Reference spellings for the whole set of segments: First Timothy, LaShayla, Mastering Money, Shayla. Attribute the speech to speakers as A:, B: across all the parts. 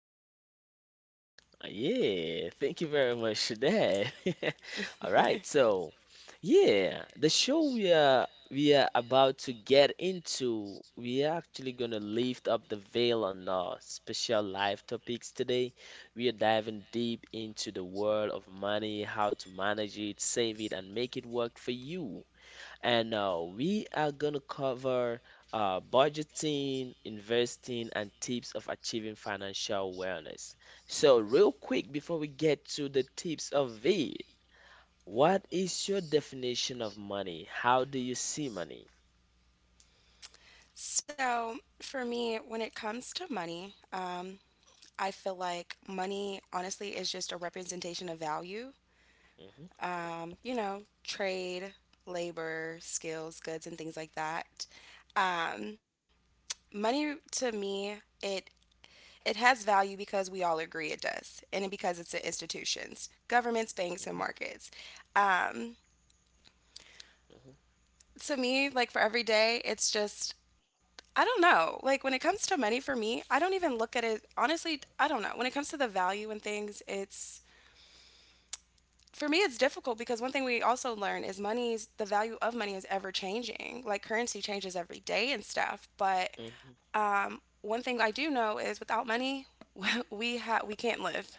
A: let's get rocking.
B: Yeah, thank you very much for that. All right, so yeah, the show we are about to get into, we are actually gonna lift up the veil on our special life topics today. We are diving deep into the world of money, how to manage it, save it, and make it work for you. And we are going to cover budgeting, investing, and tips of achieving financial wellness. So, real quick, before we get to the tips of V, what is your definition of money? How do you see money?
A: So, for me, when it comes to money, I feel like money honestly is just a representation of value.
B: hmm
A: Trade, labor, skills, goods, and things like that. Um, money to me, it it has value because we all agree it does, and because it's in institutions, governments, banks, and
B: hmm
A: markets. Um, to me, like for every day, it's just, I don't know. Like when it comes to money for me, I don't even look at it. Honestly, I don't know. When it comes to the value in things, it's, for me, it's difficult because one thing we also learn is the value of money is ever changing. Like currency changes every day and stuff. But
B: hmm
A: one thing I do know is without money, we can't live.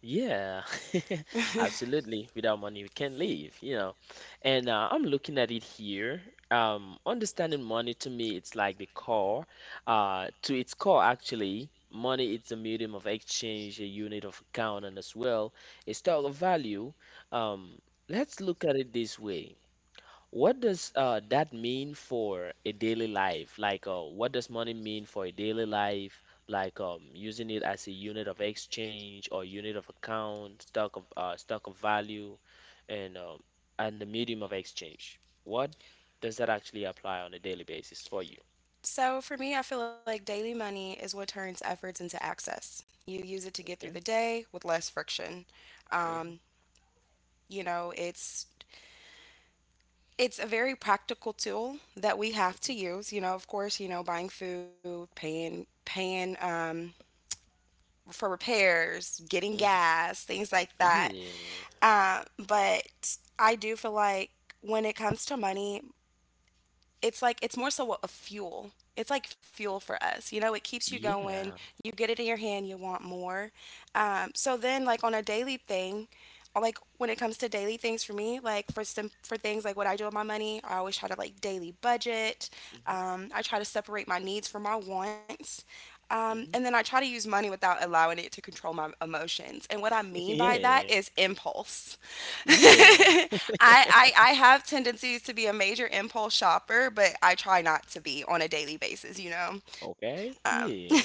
B: Yeah, absolutely. Without money, we can't live. And I'm looking at it here. Understanding money to me, it's like the core. To its core, actually, money it's a medium of exchange, a unit of account, and as well, a store of value. Um, let's look at it this way. What does that mean for a daily life? Like, what does money mean for a daily life? Like, using it as a unit of exchange or unit of account, stock of value, and um, and the medium of exchange. What does that actually apply on a daily basis for you?
A: So for me, I feel like daily money is what turns efforts into access. You use it to get through the
B: Okay.
A: day with less friction.
B: Mm-hmm,
A: Um, you know, it's it's a very practical tool that we have
B: mm-hmm,
A: to use. You know, of course, you know, buying food, paying for repairs, getting
B: mm-hmm.
A: gas, things like that.
B: Yeah.
A: But I do feel like when it comes to money, it's like it's more so a fuel. It's like fuel for us. You know, it keeps you going.
B: Yeah.
A: You get it in your hand, you want more. So then, like on a daily thing, like when it comes to daily things for me, like for some for things like what I do with my money, I always try to like daily budget.
B: Mm-hmm,
A: I try to separate my needs from my wants. And then
B: mm-hmm.
A: I try to use money without allowing it to control my emotions. And what I mean by that
B: Yeah.
A: is impulse.
B: Yeah.
A: I, I have tendencies to be a major impulse shopper, but I try not to be on a daily basis. You know.
B: Okay.
A: Um,
B: Yeah.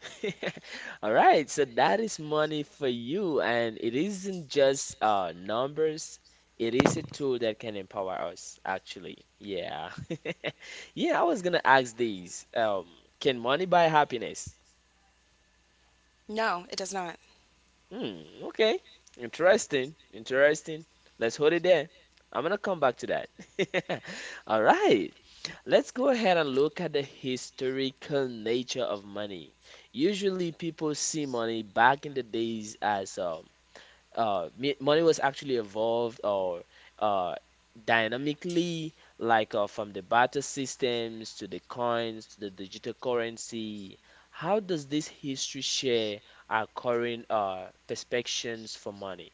B: All right, so that is money for you, and it isn't just numbers. It is a tool that can empower us, actually. Yeah. Yeah, I was gonna ask these. Can money buy happiness?
A: no, it does not.
B: Hmm, okay. Interesting. Interesting. Let's hold it there. I'm gonna come back to that. All right. Let's go ahead and look at the historical nature of money. Usually, people see money back in the days as money was actually evolved or uh, dynamically, like from the barter systems to the coins to the digital currency. How does this history share our current perspectives for money?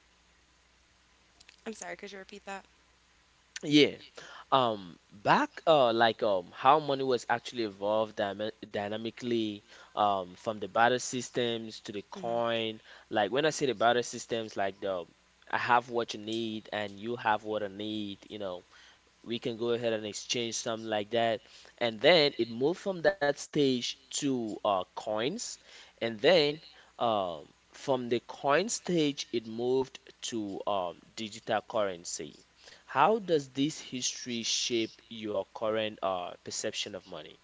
A: I'm sorry, could you repeat that?
B: Yeah. Back like how money was actually dynamically from the barter systems to the
A: Hmm.
B: coin. Like when I say the barter systems, like the I have what you need and you have what I need, you know we can go ahead and exchange something like that. And then it moved from that stage to coins. And then from the coin stage, it moved to digital currency. How does this history shape your current perception of money?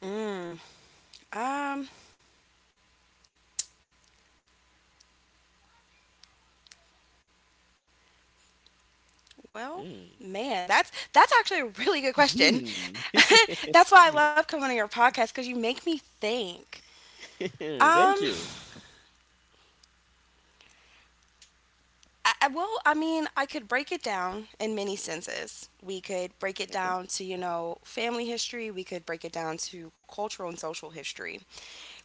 A: Mm. Um. Well,
B: Mm.
A: man, that's actually a really good question. That's why I love coming on your podcast, because you make me think.
B: Thank
A: Um.
B: you.
A: Well, I mean, I could break it down in many senses. We could break
B: Okay.
A: it down to, you know, family history. We could break it down to cultural and social history.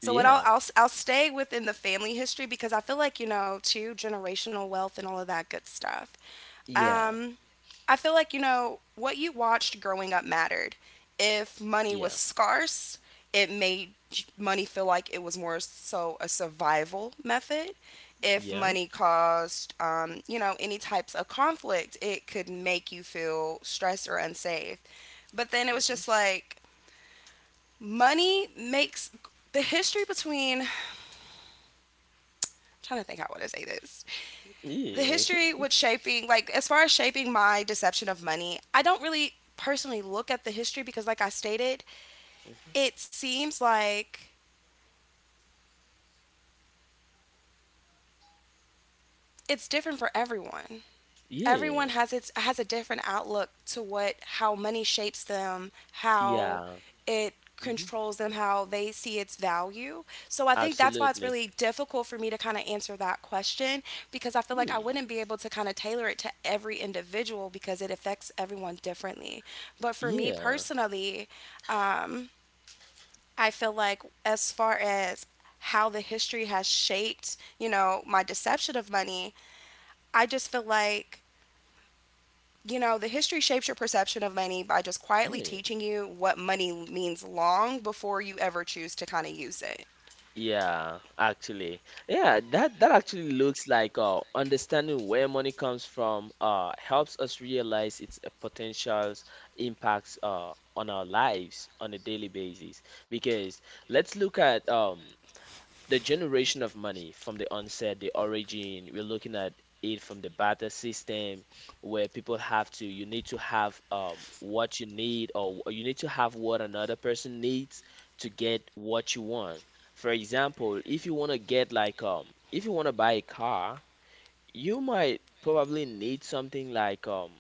A: So, what I'll,
B: Yeah.
A: I'll, I'll stay within the family history because I feel like, you know, too, generational wealth and all of that good stuff.
B: Yeah.
A: Um, I feel like, you know, what you watched growing up mattered. If money
B: Yeah.
A: was scarce, it made money feel like it was more so a survival method. If
B: Yeah.
A: money caused, you know, any types of conflict, it could make you feel stressed or unsafe. But then it was
B: Hmm.
A: just like money makes the history between, I'm trying to think how I want to say this, the
B: Yeah.
A: history with shaping, like as far as shaping my deception of money, I don't really personally look at the history because, like I stated, it seems like it's different for everyone. Everyone
B: Yeah.
A: has a different outlook to what how money shapes them, how
B: Yeah.
A: it
B: Hmm.
A: controls them, how they see its value. So I think that's why it's
B: Absolutely.
A: really difficult for me to kind of answer that question, because I feel like I
B: Yeah,
A: wouldn't be able to kind of tailor it to every individual because it affects everyone differently. But for me
B: yeah,
A: personally, um, I feel like as far as how the history has shaped, you know, my deception of money, I just feel like, you know, the history shapes your perception of money by just quietly
B: yeah,
A: teaching you what money means long before you ever choose to kind of use it.
B: yeah, actually. Yeah, that that actually looks like understanding where money comes from helps us realize its potentials impacts on our lives on a daily basis. Because let's look at the generation of money from the onset, the origin, we're looking at it from the barter system where people have to, you need to have what you need or you need to have what another person needs to get what you want. For example, if you want to get like if you want to buy a car, you might probably need something like um,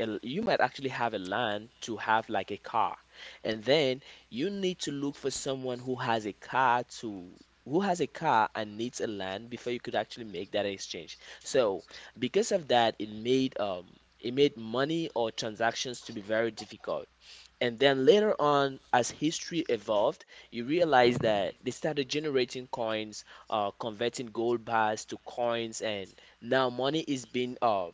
B: a- you might actually have a land to have like a car and then you need to look for someone who has a car to who has a car and needs a land before you could actually make that exchange. So because of that it made money or transactions to be very difficult. And then later on, as history evolved, you realize that they started generating coins, converting gold bars to coins, and now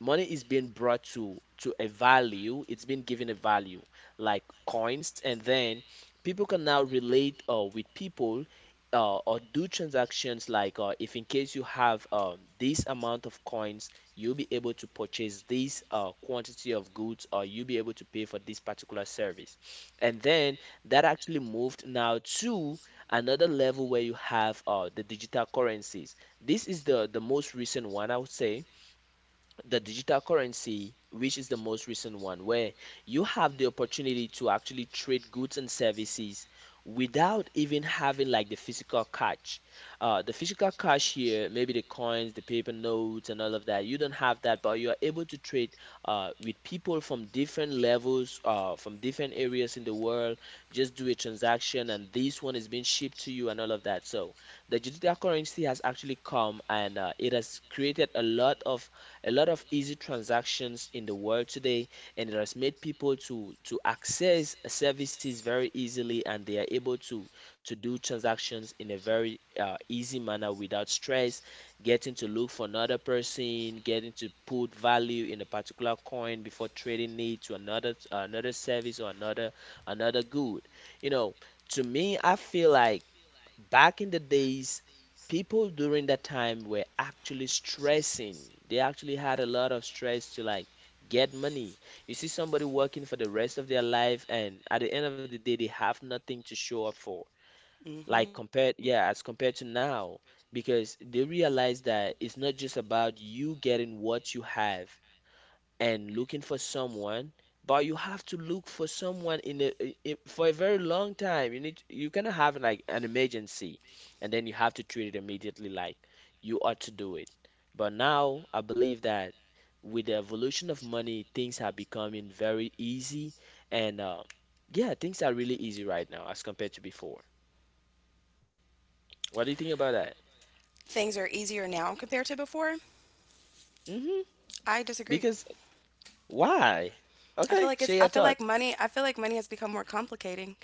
B: money is being brought to a value. It's been given a value like coins, and then people can now relate with people or do transactions like if in case you have this amount of coins, you'll be able to purchase this quantity of goods or you'll be able to pay for this particular service. And then that actually moved now to another level where you have the digital currencies. This is the most recent one I would say the digital currency, which is the most recent one, where you have the opportunity to actually trade goods and services without even having like the physical cash. The physical cash here, maybe the coins, the paper notes, and all of that, you don't have that, but you are able to trade with people from different levels, from different areas in the world. Just do a transaction, and this one is being shipped to you, and all of that. So the digital currency has actually come and it has created a lot of easy transactions in the world today and it has made people to access services very easily and they are able to do transactions in a very easy manner without stress getting to look for another person getting to put value in a particular coin before trading it to another service or another good, you know. To me I feel like back in the days people during that time were actually stressing. They actually had a lot of stress to like get money. You see somebody working for the rest of their life, and at the end of the day, they have nothing to show up for. Like
A: Mm-hmm.
B: compared, yeah, as compared to now, because they realize that it's not just about you getting what you have, and looking for someone, but you have to look for someone in a I- for a very long time. You need you cannot have like an emergency, and then you have to treat it immediately like you ought to do it. But now I believe that with the evolution of money, things are becoming very easy, and yeah, things are really easy right now as compared to before. What do you think about that?
A: Things are easier now compared to before.
B: Hmm.
A: I disagree.
B: Because why?
A: I feel
B: Okay,
A: like it's.
B: share
A: I
B: your
A: feel
B: thought.
A: like money. I feel like money has become more complicated.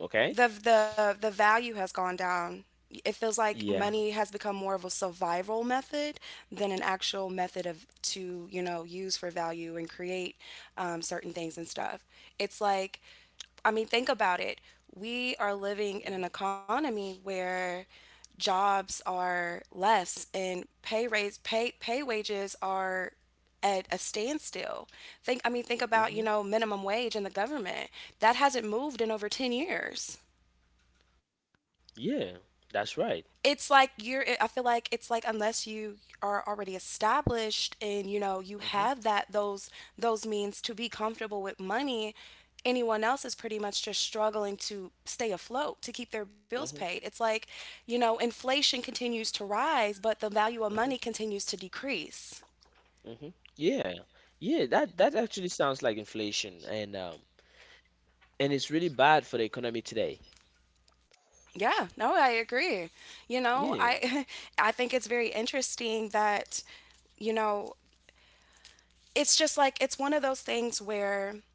B: Okay.
A: The value has gone down. It feels like
B: Yeah.
A: money has become more of a survival method than an actual method of, to you know, use for value and create certain things and stuff. It's like, I mean, think about it. We are living in an economy where jobs are less, and pay raise pay pay wages are at a standstill. Think, I mean, think about, you know, minimum wage in the government. That hasn't moved in over 10 years.
B: Yeah, that's
A: It's
B: right.
A: like you're I feel like it's like unless you are already established and you know you have
B: Hmm.
A: that those means to be comfortable with money, anyone else is pretty much just struggling to stay afloat, to keep their bills
B: Hmm.
A: paid. It's like, you know, inflation continues to rise, but the value of money
B: Hmm.
A: continues to decrease.
B: Hmm. Yeah, yeah. That that actually sounds like inflation, and it's really bad for the economy today.
A: Yeah, no, I agree. You know,
B: Yeah.
A: I I think it's very interesting that, you know, it's just like it's one of those things where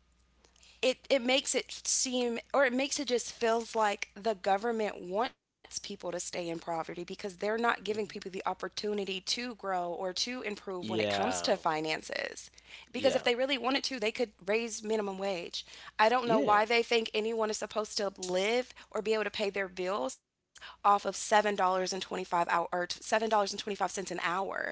A: it makes it seem, or it makes it, just feels like the government wants people to stay in poverty because they're not giving people the
B: Hmm.
A: opportunity to grow or to improve when it comes to
B: Yeah.
A: finances. Because if they
B: Yeah.
A: really wanted to, they could raise minimum wage. I don't know
B: Yeah.
A: why they think anyone is supposed to live or be able to pay their bills off of $7.25 hour or $7.25 an hour.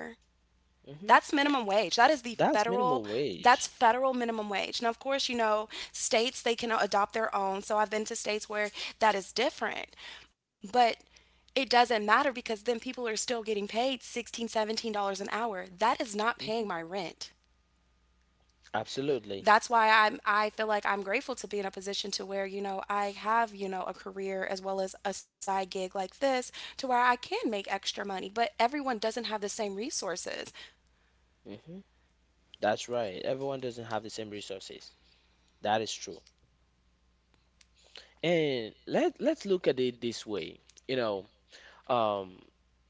B: Hmm.
A: That's minimum wage. That is the
B: That's
A: federal,
B: minimum
A: that's
B: wage.
A: federal minimum wage. Now of course, you know, states they can adopt their own. So I've been to states where that is different. But it doesn't matter, because then people are still getting paid $16 $17 an hour. That is not
B: Hmm.
A: paying my rent.
B: Absolutely.
A: That's why I feel like I'm grateful to be in a position to where, you know, I have, you know, a career as well as a side gig like this, to where I can make extra money, but everyone doesn't have the same resources.
B: Hmm. That's right. Everyone doesn't have the same resources. That is true. And let let's look at it this way. You know, Um,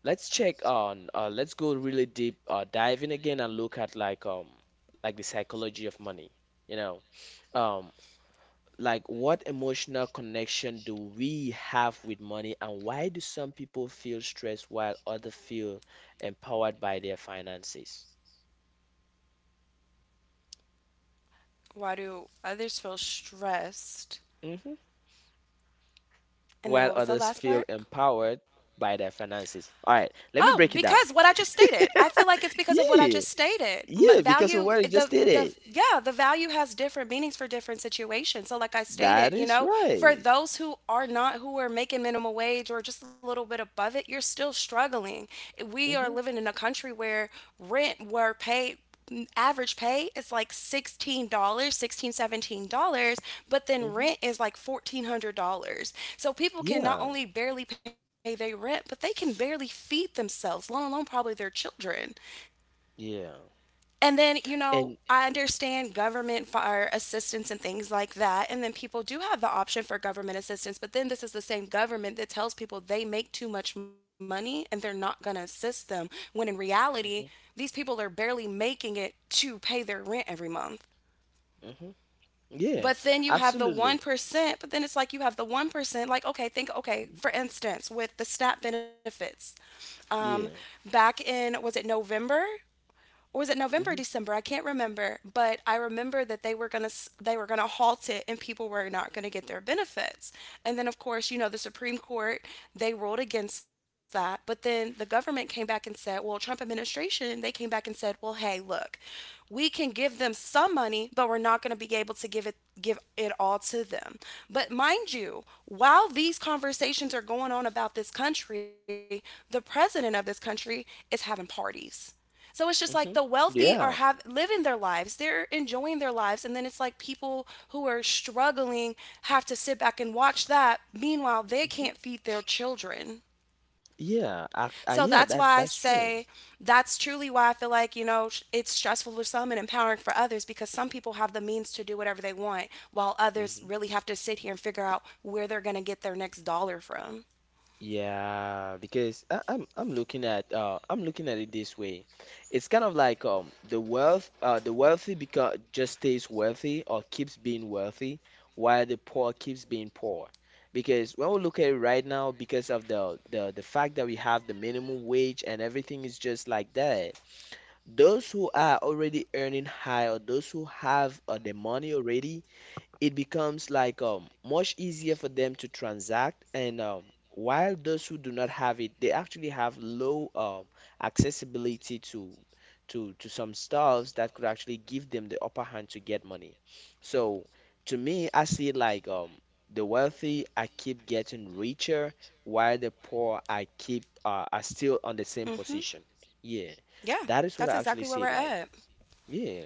B: let's check on let's go really deep dive in again and look at like the psychology of money, you know. Um, like what emotional connection do we have with money and why do some people feel stressed while others feel empowered by their finances?
A: Why do others feel stressed?
B: Hmm.
A: And then
B: While
A: what was the
B: others
A: last
B: feel
A: part?
B: empowered by their finances. All right, let
A: Oh,
B: me break it
A: because
B: down.
A: what I just stated. I feel like it's because of what I just
B: Yeah,
A: stated.
B: yeah, because of
A: Value,
B: what you just did
A: the
B: it.
A: yeah, the value has different meanings for different situations. So, like I
B: That
A: stated, you
B: is
A: know, for
B: right.
A: those who are not who are making minimum wage or just a little bit above it, you're still struggling. We are
B: Hmm.
A: living in a country where rent were paid average pay is like $16, sixteen, $17, but then
B: Hmm.
A: rent is like $1,400. So people can not
B: Yeah.
A: only barely pay their rent, but they can barely feed themselves, let alone probably their children.
B: Yeah.
A: And then, you know,
B: And
A: I understand government fire assistance and things like that. And then people do have the option for government assistance. But then this is the same government that tells people they make too much money and they're not going to assist them. When in reality,
B: hmm
A: these people are barely making it to pay their rent every month.
B: hmm yeah,
A: But then you have the
B: absolutely.
A: 1%, but then it's like you have the 1%. Like, okay, think, okay, for instance, with the SNAP benefits, um,
B: Yeah.
A: back in, was it November? Or was it November,
B: Hmm.
A: December? I can't remember, but I remember that they were gonna, halt it, and people were not gonna get their benefits. And then, of course, you know, the Supreme Court, they ruled against that. But then the government came back and said, well, Trump administration, they came back and said, well, hey, look, we can give them some money, but we're not gonna be able to give it all to them. But mind you, while these conversations are going on about this country, the president of this country is having parties. So it's just like the
B: Hmm.
A: wealthy are
B: Yeah.
A: have living their lives. They're enjoying their lives, and then it's like people who are struggling have to sit back and watch that. Meanwhile, they
B: Hmm.
A: can't feed their children.
B: Yeah. I
A: So
B: yeah,
A: that's why
B: that
A: I
B: that's true.
A: say, that's truly why I feel like, you know, it's stressful for some and empowering for others, because some people have the means to do whatever they want while others
B: Hmm.
A: really have to sit here and figure out where they're going to get their next dollar from.
B: Yeah, because I'm looking at it this way. It's kind of like the wealthy because just stays wealthy or keeps being wealthy while the poor keeps being poor. Because when we look at it right now, because of the fact that we have the minimum wage and everything is just like that, those who are already earning high or those who have the money already, it becomes like much easier for them to transact and while those who do not have it, they actually have low accessibility to to some stuffs that could actually give them the upper hand to get money. So to me, I see it like the wealthy I keep getting richer, while the poor I keep are still on the
A: Mhm.
B: same position. Yeah,
A: Yeah, that's
B: that is what
A: exactly
B: I
A: where we're
B: actually see it
A: at.
B: like. Yeah,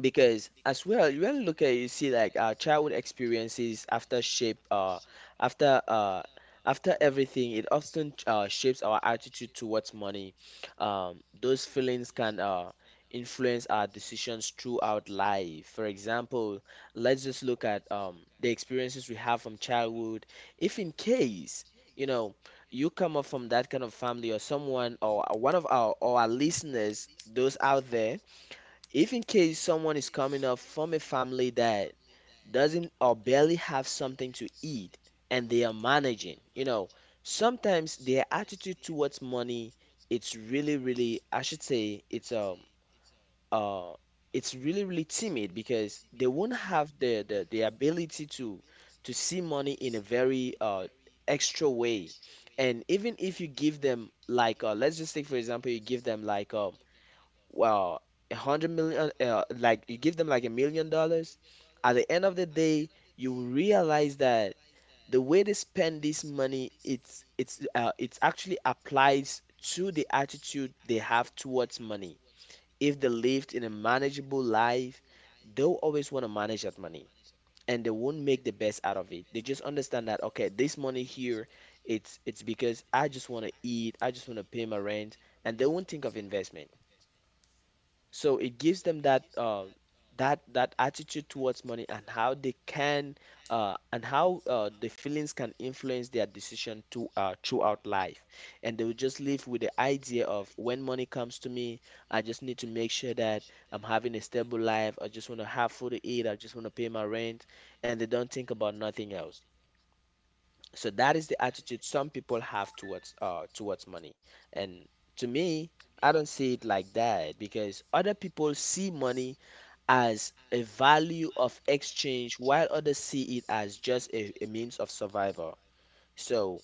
B: because as well you want to look at, you see, like our childhood experiences after shape after after everything, it often shapes our attitude towards money. Those feelings can influence our decisions throughout life. For example, let's just look at the experiences we have from childhood. If in case, you know, you come up from that kind of family, or someone, or one of our or our listeners those out there, if in case someone is coming up from a family that doesn't or barely have something to eat, and they are managing, sometimes their attitude towards money, it's really, really, I should say, uh it's really, really timid, because they won't have the ability to see money in a very extra way. And even if you give them like let's just take for example, you give them like well, a hundred million, like you give them like $1 million, at the end of the day, you will realize that the way they spend this money, it's actually applies to the attitude they have towards money. If they lived in a manageable life, they'll always want to manage that money, and they won't make the best out of it. They just understand that, okay, this money here, it's because I just want to eat, I just want to pay my rent, and they won't think of investment. So it gives them that attitude towards money, and how they can and how the feelings can influence their decision to throughout life. And they will just live with the idea of when money comes to me, I just need to make sure that I'm having a stable life. I just want to have food to eat. I just want to pay my rent, and they don't think about nothing else. So that is the attitude some people have towards towards money. And to me, I don't see it like that, because other people see money as a value of exchange, while others see it as just a means of survival. So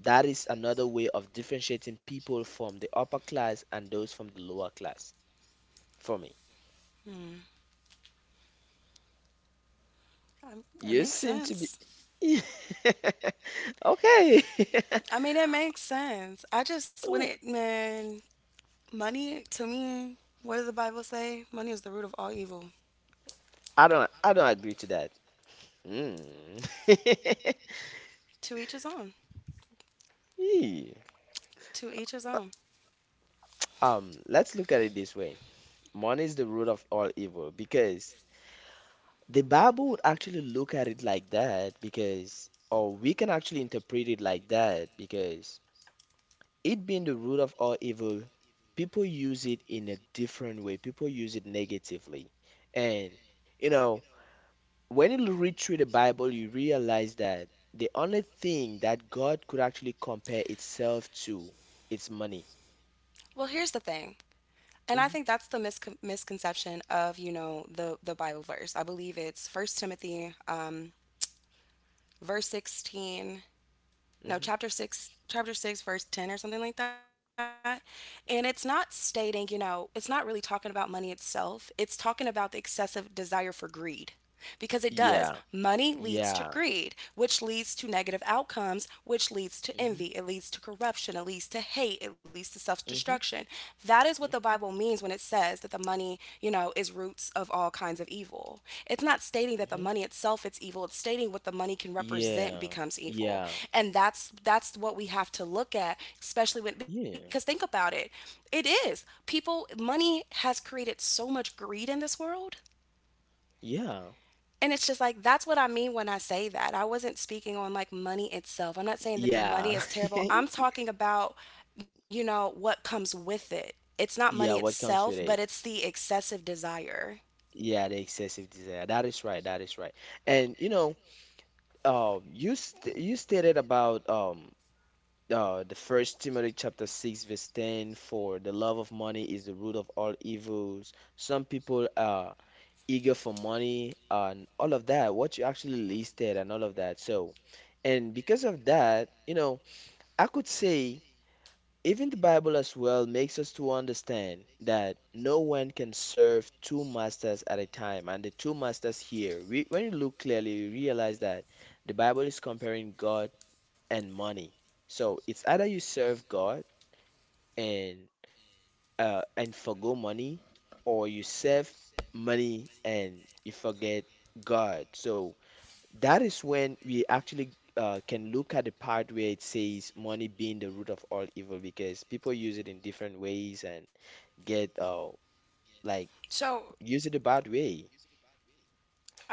B: that is another way of differentiating people from the upper class and those from the lower class, for me.
A: Hmm. That
B: You
A: makes
B: seem to be
A: sense.
B: okay.
A: I mean, it makes sense. I just, when it, man, money to me, what does the Bible say? Money is the root of all evil.
B: I don't agree to that. Hmm.
A: To each his own.
B: Yeah.
A: To each his own.
B: Let's look at it this way. Money is the root of all evil, because the Bible would actually look at it like that because, or we can actually interpret it like that because, it being the root of all evil, people use it in a different way. People use it negatively. And, you know, when you read through the Bible, you realize that the only thing that God could actually compare itself to, it's money.
A: Well, here's the thing. And I think
B: Hmm.
A: that's the misconception of, you know, the Bible verse. I believe it's First Timothy, verse 16. No,
B: Hmm.
A: chapter 6. Chapter 6, verse 10 or something like that. And it's not stating, you know, it's not really talking about money itself. It's talking about the excessive desire for greed, because it does.
B: Yeah.
A: Money leads to
B: Yeah.
A: greed, which leads to negative outcomes, which leads to
B: Mhm.
A: envy. It leads to corruption, it leads to hate, it leads to
B: Mhm.
A: self-destruction. That is what the
B: Mhm.
A: Bible means when it says that the money, you know, is roots of all kinds of evil. It's not stating that the
B: Mhm.
A: money itself is evil. It's stating what the money can represent
B: Yeah.
A: becomes evil.
B: Yeah.
A: And that's what we have to look at, especially when, because think
B: Yeah.
A: about it. It is. People, money has created so much greed in this world,
B: Yeah.
A: and it's just like that's what I mean when I say that. I wasn't speaking on like money itself. I'm not saying that the money
B: Yeah.
A: is terrible. I'm talking about, you know, what comes with it. It's not money
B: Yeah, what
A: itself,
B: comes with
A: but
B: it?
A: it's the excessive desire.
B: Yeah, the excessive desire. That is right. That is right. And you know, you stated about the First Timothy chapter six verse ten, for the love of money is the root of all evils. Some people are eager for money and all of that. What you actually listed and all of that. So, and because of that, you know, I could say, even the Bible as well makes us to understand that no one can serve two masters at a time. And the two masters here, we, when you look clearly, you realize that the Bible is comparing God and money. So it's either you serve God and and forgo money, or you serve money and you forget God. So that is when we actually can look at the part where it says money being the root of all evil, because people use it in different ways and get
A: So,
B: like use it a bad way.
A: I just want to,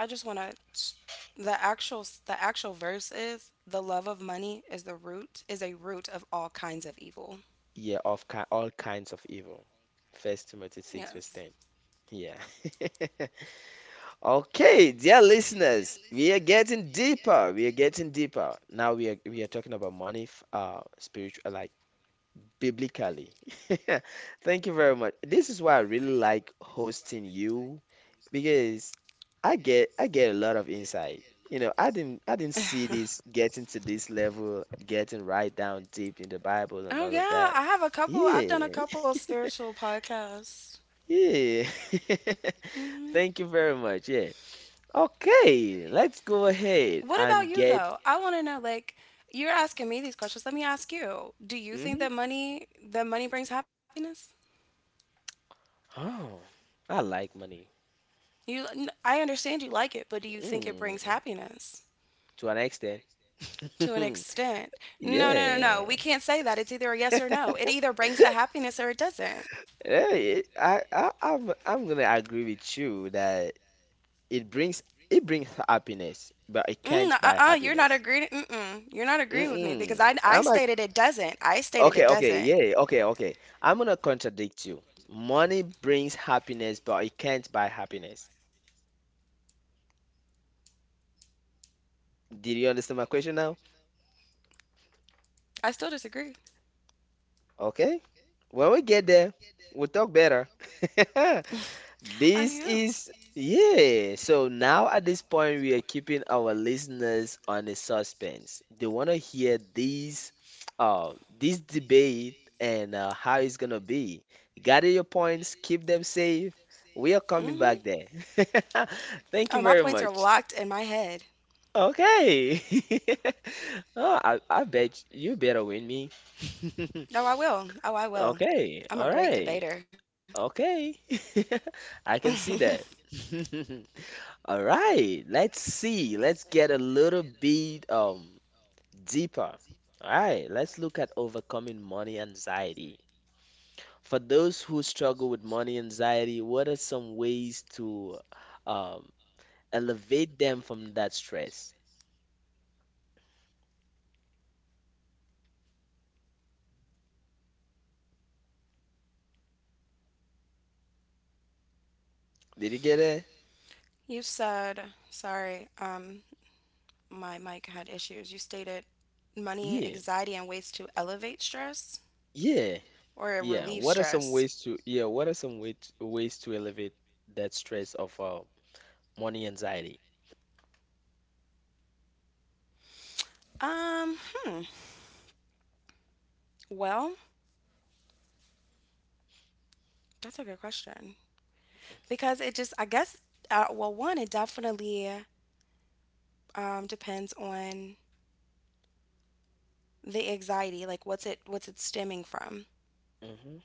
A: the actual verse is the love of money is the root, is a root of all kinds of evil.
B: Yeah, of ki all kinds of evil. First
A: Yes.
B: Timothy 6 verse 10. Yeah. Okay, dear listeners, we are getting deeper. We are getting deeper. Now we are talking about money, spiritual, like biblically. Thank you very much. This is why I really like hosting you, because I get a lot of insight. You know, I didn't see this getting to this level, getting right down deep in the
A: Oh
B: Bible and all
A: yeah,
B: of
A: I have
B: that.
A: a couple. I've done a
B: Yeah,
A: couple of spiritual podcasts.
B: yeah.
A: Hmm.
B: Thank you very much. Yeah. Okay, let's go ahead
A: What about
B: and
A: you
B: get.
A: though? I want to know, like, you're asking me these questions. Let me ask you, do you think
B: Hmm.
A: that money, that money brings happiness?
B: Oh, I like money.
A: You n- I understand you like it, but do you think it
B: Mm,
A: brings happiness?
B: to an extent.
A: To an extent. No, no, no,
B: Yeah.
A: no. We can't say that. It's either a yes or no. It either brings the happiness or it doesn't.
B: Yeah, it, I'm gonna agree with you that it brings it brings happiness, but it
A: Mm,
B: can't buy
A: uh-uh, you're not
B: happiness.
A: agreeing. Mm-mm, you're not agreeing with me because
B: Mm-mm.
A: I
B: I'm like,
A: stated it doesn't. I stated
B: okay,
A: it
B: okay,
A: doesn't.
B: yeah, okay, okay. I'm gonna contradict you. Money brings happiness, but it can't buy happiness. Did you understand my question now?
A: I still disagree.
B: Okay. When we get there, we'll talk better.
A: I mean,
B: This
A: yeah.
B: is, yeah. So now at this point, we are keeping our listeners on a suspense. They want to hear these, this debate and how it's gonna be. Gather your points, keep them safe. We are
A: Mm-hmm.
B: coming back there.
A: Oh, my
B: Thank you
A: points
B: very
A: are
B: much.
A: locked in my head.
B: Okay. Oh, I bet you better win me.
A: Oh, I will. Oh, I will.
B: Okay.
A: I'm a
B: All
A: great
B: right.
A: debater.
B: Okay. I can see that. All right, let's see. Let's get a little bit deeper. All right, let's look at overcoming money anxiety. For those who struggle with money anxiety, what are some ways to um elevate them from that stress? Did you get it?
A: You said, sorry, my mic had issues. You stated money,
B: Yeah.
A: anxiety, and ways to elevate stress
B: Yeah.
A: or
B: Yeah.
A: relieve
B: What are some
A: stress.
B: ways to, yeah, what are some ways to elevate that stress of money anxiety?
A: Um, hmm. Well, that's a good question because it just, I guess, well, one, it definitely depends on the anxiety, like what's it stemming from.
B: Mm-hmm.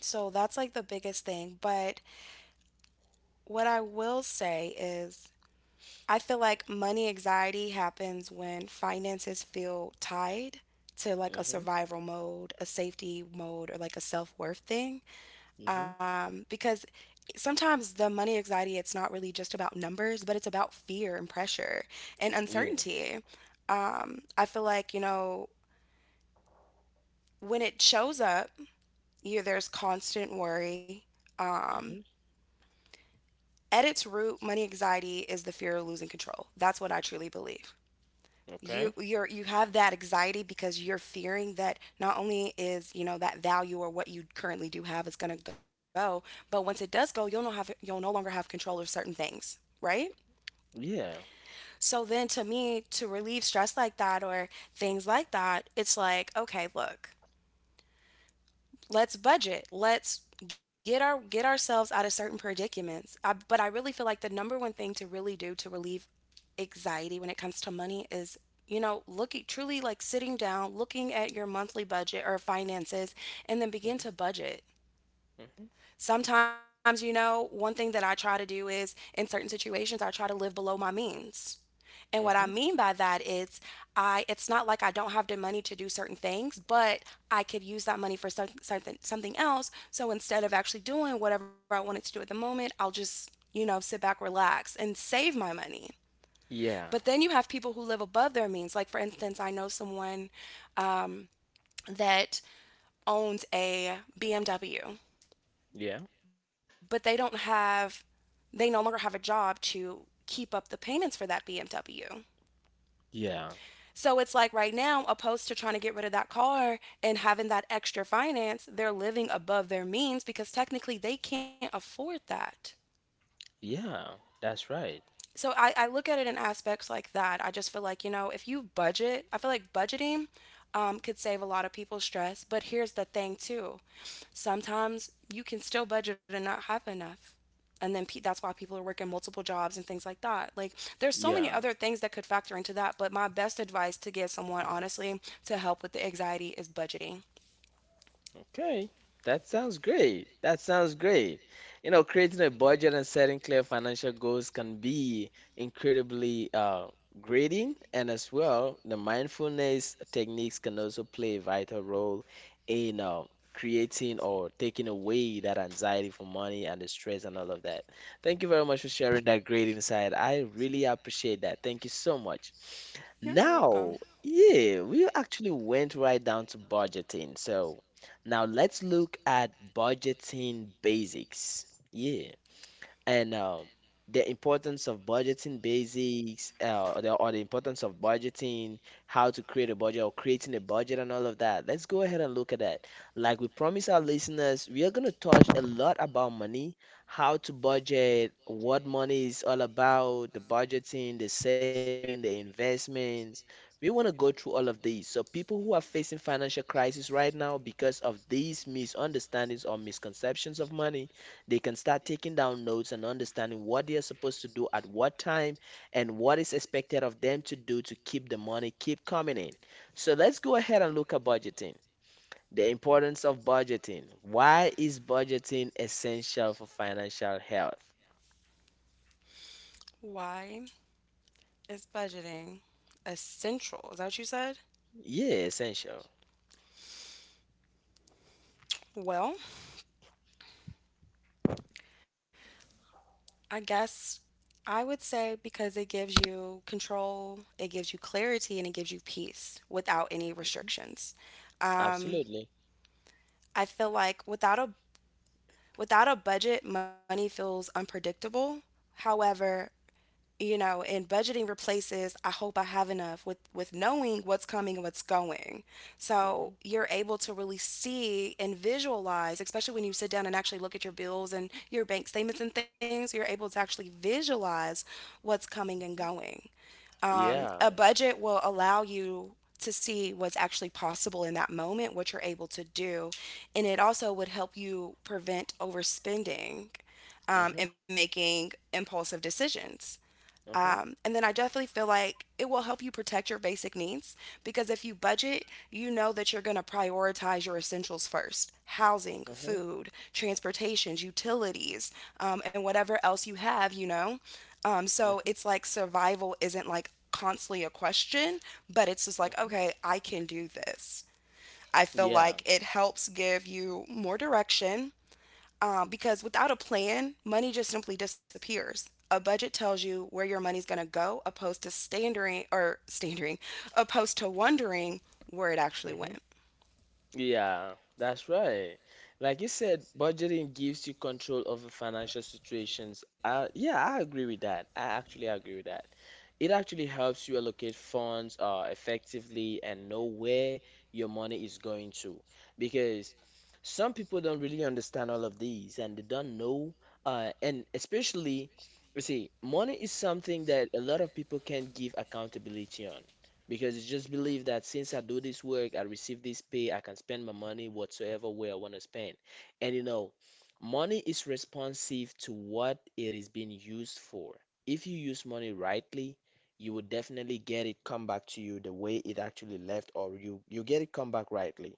A: So that's like the biggest thing. But what I will say is I feel like money anxiety happens when finances feel tied to like a
B: Mm-hmm.
A: survival mode, a safety mode, or like a self worth thing.
B: Mm-hmm.
A: Because sometimes the money anxiety, it's not really just about numbers, but it's about fear and pressure and
B: Yeah.
A: uncertainty. I feel like, you know, when it shows up, there's constant worry. Um,
B: Mm-hmm.
A: at its root, money anxiety is the fear of losing control. That's what I truly believe. you
B: Okay.
A: you're you have that anxiety because you're fearing that not only is, you know, that value or what you currently do have is going to go, but once it does go, you'll no longer have control of certain things, right?
B: Yeah.
A: So then to me, to relieve stress like that or things like that, it's like, okay, look, let's budget, let's get ourselves out of certain predicaments. But I really feel like the number one thing to really do to relieve anxiety when it comes to money is, you know, looking truly, like sitting down, looking at your monthly budget or finances, and then begin
B: Mm-hmm.
A: to budget.
B: Hmm.
A: Sometimes, you know, one thing that I try to do is in certain situations, I try to live below my means. And what I
B: Hmm.
A: mean by that is I it's not like I don't have the money to do certain things, but I could use that money for something else. So instead of actually doing whatever I wanted to do at the moment, I'll just, you know, sit back, relax, and save my money.
B: Yeah,
A: But then you have people who live above their means. Like, for instance, I know someone, um, that owns a BMW,
B: yeah,
A: but they no longer have a job to keep up the payments for that BMW.
B: yeah,
A: So it's like right now, opposed to trying to get rid of that car and having that extra finance, they're living above their means because technically they can't afford that.
B: yeah. That's right.
A: So I look at it in aspects like that. I just feel like, you know, if you budget, I feel like budgeting could save a lot of people stress. But here's the thing, too, sometimes you can still budget and not have enough. And then pe- that's why people are working multiple jobs and things like that. Like, there's so many
B: Yeah.
A: other things that could factor into that. But my best advice to give someone, honestly, to help with the anxiety is budgeting.
B: Okay, that sounds great. That sounds great. You know, creating a budget and setting clear financial goals can be incredibly grading, and as well, the mindfulness techniques can also play a vital role in creating or taking away that anxiety for money and the stress and all of that. Thank you very much for sharing that great insight. I really appreciate that. Thank you so much.
A: Yeah, you're welcome.
B: Now, yeah, we actually went right down to budgeting. So, now let's look at budgeting basics. Yeah, and the importance of budgeting basics, or the importance of budgeting, how to create a budget or creating a budget and all of that. Let's go ahead and look at that. Like we promise our listeners, we are going to touch a lot about money, how to budget, what money is all about, the budgeting, the saving, the investments. We want to go through all of these. So people who are facing financial crisis right now because of these misunderstandings or misconceptions of money, they can start taking down notes and understanding what they are supposed to do at what time and what is expected of them to do to keep the money keep coming in. So let's go ahead and look at budgeting. The importance of budgeting. Why is budgeting essential for financial health?
A: Why is budgeting essential? Is that what you said?
B: Yeah, essential.
A: Well, I guess I would say because it gives you control, it gives you clarity, and it gives you peace without any
B: Mhm.
A: restrictions. Um,
B: Absolutely.
A: I feel like without a budget, money feels unpredictable. However, you know, and budgeting replaces "I hope I have enough" with knowing what's coming and what's going, so
B: Hmm.
A: you're able to really see and visualize, especially when you sit down and actually look at your bills and your bank statements and things. You're able to actually visualize what's coming and
B: Hmm.
A: going. A
B: Yeah.
A: budget will allow you to see what's actually possible in that moment, what you're able to do, and it also would help you prevent overspending and
B: Hmm.
A: making impulsive decisions.
B: Hmm.
A: And then I definitely feel like it will help you protect your basic needs, because if you budget, you know that you're going to prioritize your essentials first: housing,
B: Hmm.
A: food, transportations, utilities, and whatever else you have, you know? So
B: Hmm.
A: it's like survival isn't like constantly a question, but it's just like,
B: Hmm.
A: okay, I can do this. I feel
B: Yeah.
A: like it helps give you more direction, because without a plan, money just simply disappears. A budget tells you where your money's going to go, opposed to standering or standering, opposed to wondering where it actually
B: Hmm.
A: went.
B: Yeah, that's right. Like you said, budgeting gives you control over financial situations. Yeah, I agree with that. I actually agree with that. It actually helps you allocate funds effectively and know where your money is going to. Because some people don't really understand all of these and they don't know. And especially, you see, money is something that a lot of people can't give accountability on, because it's just believe that since I do this work, I receive this pay, I can spend my money whatsoever way I want to spend. And you know, money is responsive to what it is being used for. If you use money rightly, you will definitely get it come back to you the way it actually left, or you get it come back rightly.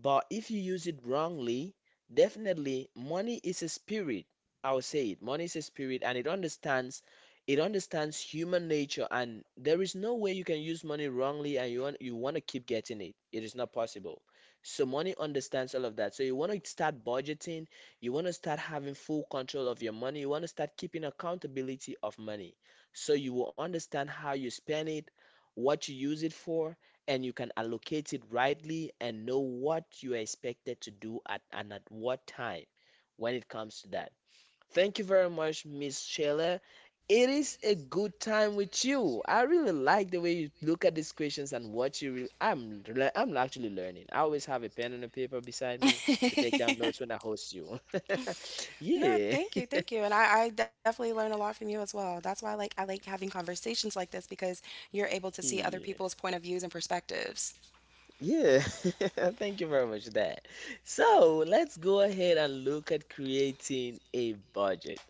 B: But if you use it wrongly, definitely money is a spirit. I will say it. Money is a spirit and it understands human nature, and there is no way you can use money wrongly and you want to keep getting it. It is not possible. So money understands all of that. So you want to start budgeting, you want to start having full control of your money, you want to start keeping accountability of money. So you will understand how you spend it, what you use it for, and you can allocate it rightly and know what you are expected to do at and at what time when it comes to that. Thank you very much, Miss Sheila. It is a good time with you. I really like the way you look at these questions and what you. I'm actually learning. I always have a pen and a paper beside me to take down notes when I host you.
A: No,
B: Yeah.
A: thank you, and I definitely learn a lot from you as well. That's why I like having conversations like this because you're able to see other
B: Yeah.
A: people's point of views and perspectives.
B: Yeah, thank you very much for that. So let's go ahead and look at creating a budget.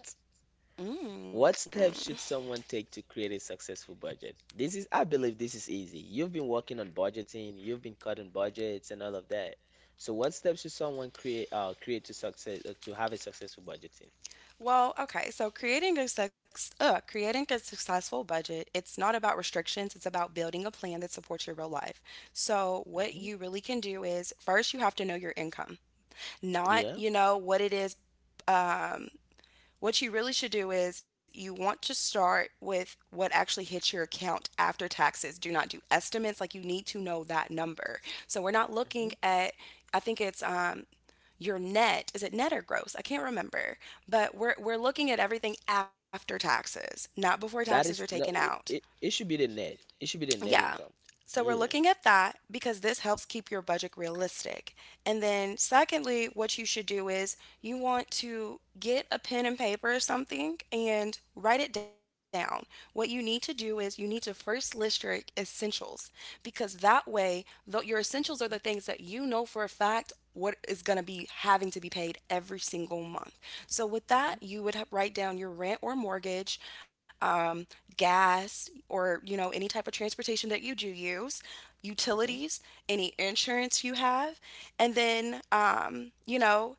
B: What
A: Mm.
B: steps should someone take to create a successful budget? This is, I believe this is easy. You've been working on budgeting, you've been cutting budgets and all of that. So what steps should someone create to success to have a successful budgeting?
A: Well, okay. So creating a sex, creating a successful budget, it's not about restrictions. It's about building a plan that supports your real life. So what
B: Hmm.
A: you really can do is first you have to know your income, not,
B: Yeah.
A: you know, what it is. Um, what you really should do is you want to start with what actually hits your account after taxes. Do not do estimates. Like, you need to know that number. So we're not looking
B: Hmm.
A: at. I think it's your net, is it net or gross, I can't remember, but we're looking at everything after taxes, not before taxes are
B: That
A: taken
B: is no,
A: out.
B: it, it should be the net. It should be the net
A: Yeah,
B: income.
A: so we're
B: Yeah.
A: looking at that because this helps keep your budget realistic. And then secondly, what you should do is you want to get a pen and paper or something and write it down. What you need to do is you need to first list your essentials, because that way, though, your essentials are the things that you know for a fact what is going to be having to be paid every single month. So with
B: Hmm.
A: that, you would ha- write down your rent or mortgage, um, gas, or, you know, any type of transportation that you do use,
B: Hmm.
A: utilities, any insurance you have, and then, you know,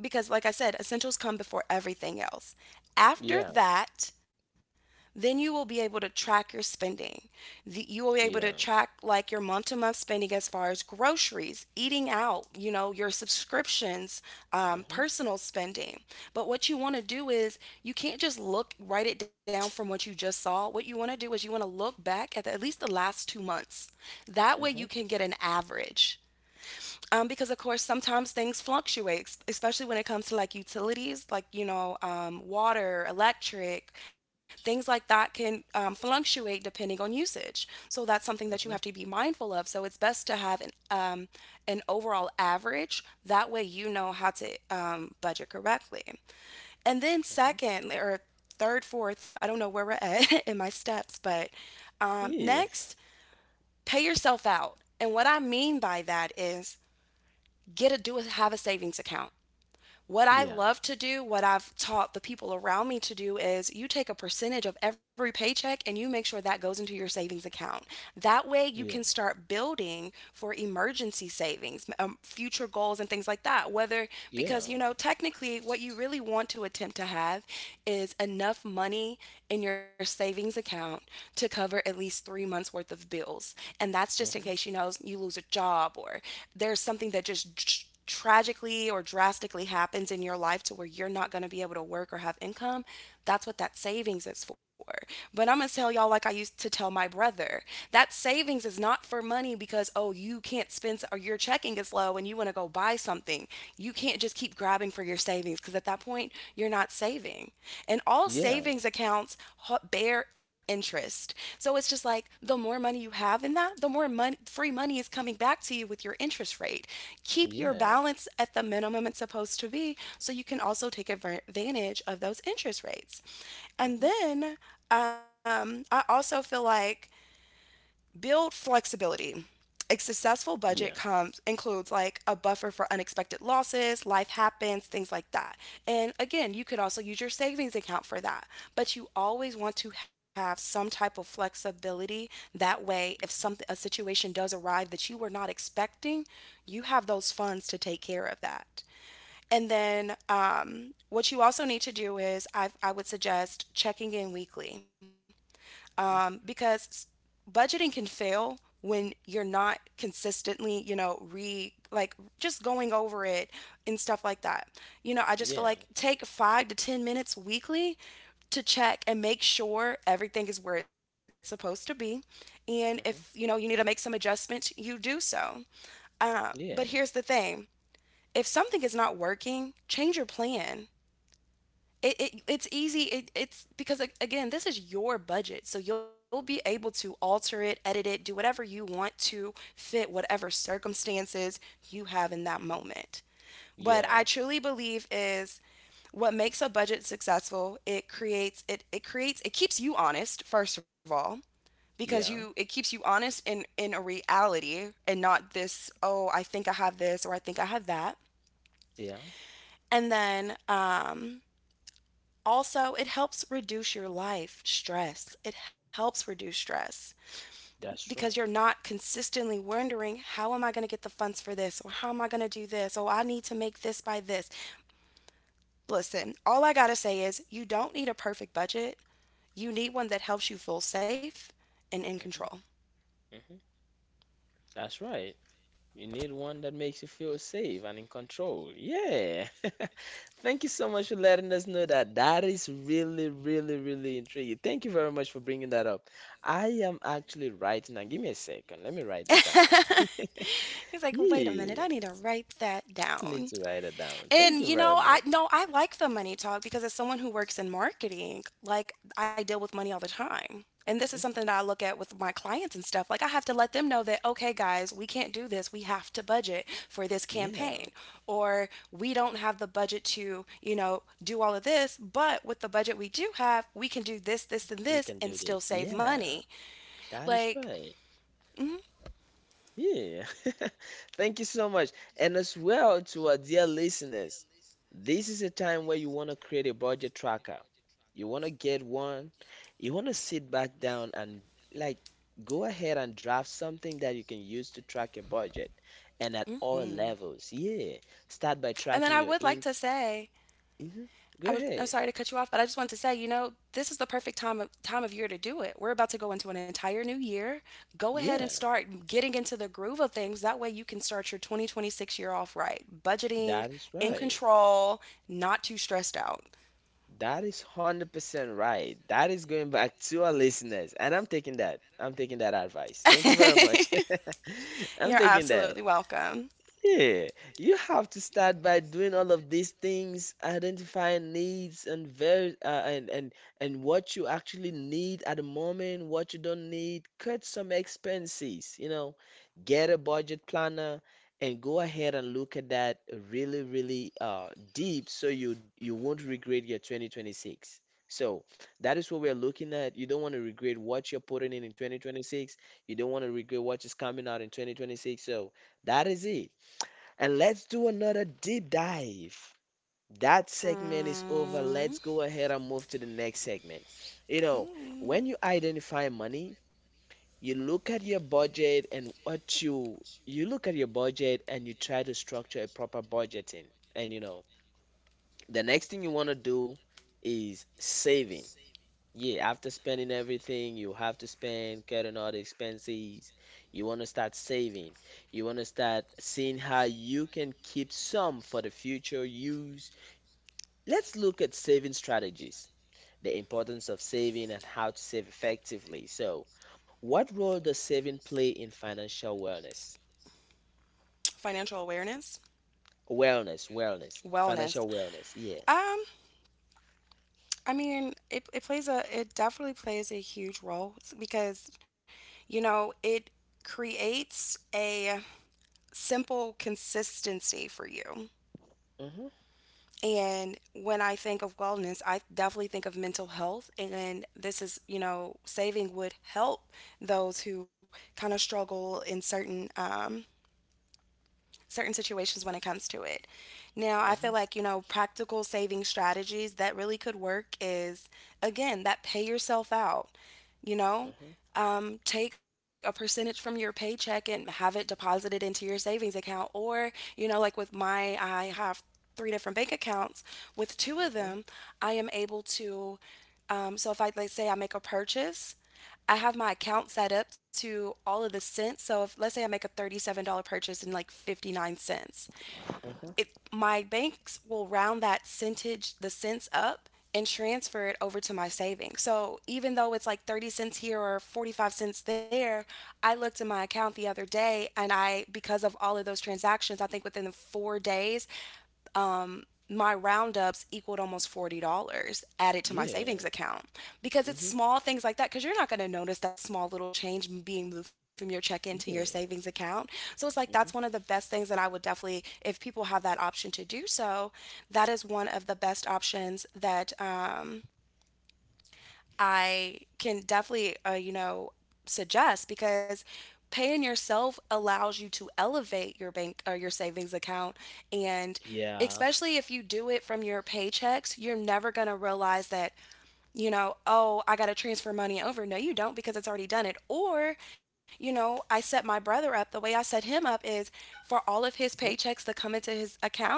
A: because like I said, essentials come before everything else. After
B: Yeah.
A: that, then you will be able to track your spending. The- you will be able to
B: Yeah.
A: track like your month to month spending as far as groceries, eating out, you know, your subscriptions,
B: Mm-hmm.
A: personal spending. But what you want to do is you can't just look, write it down from what you just saw. What you want to do is you want to look back at the, at least the last 2 months. That way you
B: Mhm.
A: can get an average. Because of course sometimes things fluctuate, es- especially when it comes to like utilities, like you know, water, electric, things like that can fluctuate depending on usage. So that's something that you have to be
B: Mhm.
A: mindful of. So it's best to have an overall average. That way you know how to budget correctly. And then
B: Mhm.
A: second or third, fourth, I don't know where we're at in my steps, but
B: Yeah.
A: next, pay yourself out. And what I mean by that is get a do have a savings account. What I
B: Yeah.
A: love to do, what I've taught the people around me to do is you take a percentage of every paycheck and you make sure that goes into your savings account. That way you
B: Yeah.
A: can start building for emergency savings, future goals and things like that. Whether
B: Yeah.
A: because you know technically what you really want to attempt to have is enough money in your savings account to cover at least 3 months worth of bills. And that's just in case you
B: Mhm.
A: know you lose a job or there's something that just tragically or drastically happens in your life to where you're not going to be able to work or have income, that's what that savings is for. But I'm going to tell y'all, like I used to tell my brother, that savings is not for money because, oh, you can't spend or your checking is low and you want to go buy something. You can't just keep grabbing for your savings because at that point, you're not saving saving. And all
B: Yeah.
A: savings accounts bear interest. So it's just like the more money you have in that, the more money, free money is coming back to you with your interest rate. Keep your
B: Yeah.
A: balance at the minimum it's supposed to be so you can also take advantage of those interest rates. And
B: Mhm.
A: then I also feel like build flexibility. A successful budget
B: Yeah.
A: comes includes like a buffer for unexpected losses, life happens, things like that. And again, you could also use your savings account for that. But you always want to have some type of flexibility that way if some
B: Mhm.
A: a situation does arrive that you were not expecting, you have those funds to take care of that. And then what you also need to do is I would suggest checking in weekly
B: Mm.
A: because budgeting can fail when you're not consistently, you know, re like just going over it and stuff like that. You know, I just feel
B: Yeah.
A: like take five to 10 minutes weekly to check and make sure everything is where it's supposed to be. And if, you know,
B: Mhm.
A: you need to make some adjustments, you do so. But
B: Yeah.
A: here's the thing, if something is not working, change your plan. It, it it's easy it, it's because, like, again, this is your budget, so you'll be able to alter it, edit it, do whatever you want to fit whatever circumstances you have in that
B: Mhm.
A: moment. But
B: Yeah.
A: I truly believe is what makes a budget successful, it keeps you honest first of all because you it
B: Yeah.
A: keeps you honest in a reality and not this, oh, I think I have this or I think I have that.
B: Yeah.
A: And then also, it helps reduce your life stress. It helps reduce stress
B: That's
A: because you're
B: true.
A: not consistently wondering, how am I going to get the funds for this? Or how am I going to do this? Oh, I need to make this by this. Listen, all I got to say is you don't need a perfect budget. You need one that helps you feel safe and in control.
B: Mhm. Mhm. That's right. You need one that makes you feel safe and in control. Yeah. Thank you so much for letting us know that. That is really, really, really intriguing. Thank you very much for bringing that up. I am actually writing now. Give me a second. Let me write that down.
A: He's like, wait a minute, I
B: Yeah,
A: need to write that
B: I need
A: down.
B: to write it down. Thank
A: And
B: you
A: you
B: very
A: know, I
B: much.
A: no, I like the money talk because as someone who works in marketing, like I deal with money all the time. And this is
B: Mhm.
A: something that I look at with my clients and stuff. Like I have to let them know that, okay guys, we can't do this. We have to budget for this
B: Yeah,
A: campaign or we don't have the budget to, you know, do all of this, but with the budget we do have, we can do this, this and
B: we
A: this
B: can
A: and
B: do
A: still
B: this.
A: save
B: Yeah,
A: money.
B: that is
A: Like
B: right. Yeah. Thank you so much. And as well to our dear listeners, this is a time where you want to create a budget tracker. You want to get one. You want to sit back down and like go ahead and draft something that you can use to track your budget and at all
A: mhm.
B: levels. Yeah. Start by
A: And then I
B: tracking your
A: would like
B: ink.
A: to say
B: Mhm. Go
A: I'm
B: ahead.
A: sorry to cut you off, but I just wanted to say, you know, this is the perfect time of year to do it. We're about to go into an entire new year. Go ahead and
B: Yeah.
A: start getting into the groove of things. That way you can start your 2026 year off right. Budgeting,
B: That is
A: in
B: right.
A: control, not too stressed out.
B: That is 100% right. That is going back to our listeners. And I'm taking that. I'm taking that advice. Thank you very much. I'm
A: You're
B: taking that.
A: absolutely welcome.
B: Yeah, you have to start by doing all of these things, identifying needs and very and what you actually need at the moment, what you don't need. Cut some expenses. Get a budget planner and go ahead and look at that really, really deep so you won't regret your 2026. So that is what we're looking at. You don't want to regret what you're putting in 2026. You don't want to regret what is coming out in 2026. So that is it. And let's do another deep dive. That segment is over.
A: Hmm.
B: Let's go ahead and move to the next segment. You know,
A: Hmm.
B: when you identify money, you look at your budget and what you look at your budget and you try to structure a proper budgeting. And you know, the next thing you want to do is saving. Yeah, after spending everything, you have to spend, cutting all the expenses. You want to start saving. You want to start seeing how you can keep some for the future use. Let's look at saving strategies, the importance of saving and how to save effectively. So, what role does saving play in financial wellness?
A: Financial awareness,
B: Wellness, wellness,
A: wellness.
B: financial wellness. Yeah.
A: Um, I mean, it definitely plays a huge role because, you know, it creates a simple consistency for you.
B: Mm-hmm.
A: And when I think of wellness, I definitely think of mental health. And this is, you know, saving would help those who kind of struggle in certain certain situations when it comes to it. Now, I feel
B: Mm-hmm.
A: like, you know, practical saving strategies that really could work is, again, that pay yourself out. You know,
B: Mm-hmm.
A: take a percentage from your paycheck and have it deposited into your savings account. Or, you know, like with my I have three different bank accounts. With two of
B: Mm-hmm.
A: them I am able to, so if I let's say I make a purchase, I have my account set up to all of the cents. So if let's say I make a $37 purchase and like 59 cents,
B: Mm-hmm.
A: it my banks will round that centage the cents up and transfer it over to my savings. So even though it's like 30 cents here or 45 cents there, I looked at my account the other day and I because of all of those transactions, I think within the 4 days, my roundups equaled almost $40 added to my savings
B: Yeah.
A: account because it's
B: Mm-hmm.
A: small things like that, because you're not going to notice that small little change being moved from your check-in to your savings
B: Yeah.
A: account. So it's like that's one of the
B: Mm-hmm.
A: best things that I would definitely, if people have that option to do so, that is one of the best options that, I can definitely, you know, suggest because paying yourself allows you to elevate your bank or your savings account. And
B: Yeah.
A: especially if you do it from your paychecks, you're never going to realize that, you know, oh, I got to transfer money over. No, you don't because it's already done it. Or, you know, I set my brother up. The way I set him up is for all of his
B: Mm-hmm.
A: paychecks that come into his account,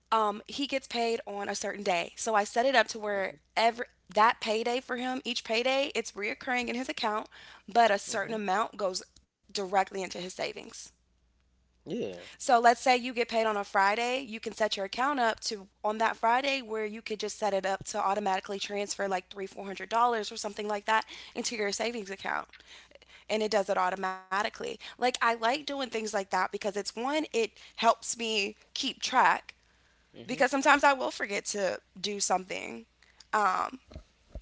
A: he gets paid on a certain day. So I set it up to where
B: mm-hmm.
A: every that payday for him, each payday, it's reoccurring in his account, but a certain
B: Mhm.
A: amount goes directly into his savings.
B: Yeah.
A: So let's say you get paid on a Friday, you can set your account up to on that Friday where you could just set it up to automatically transfer like three, $400 or something like that into your savings account. And it does it automatically. Like, I like doing things like that because it's one, it helps me keep track because
B: Mhm.
A: sometimes I will forget to do something. Um,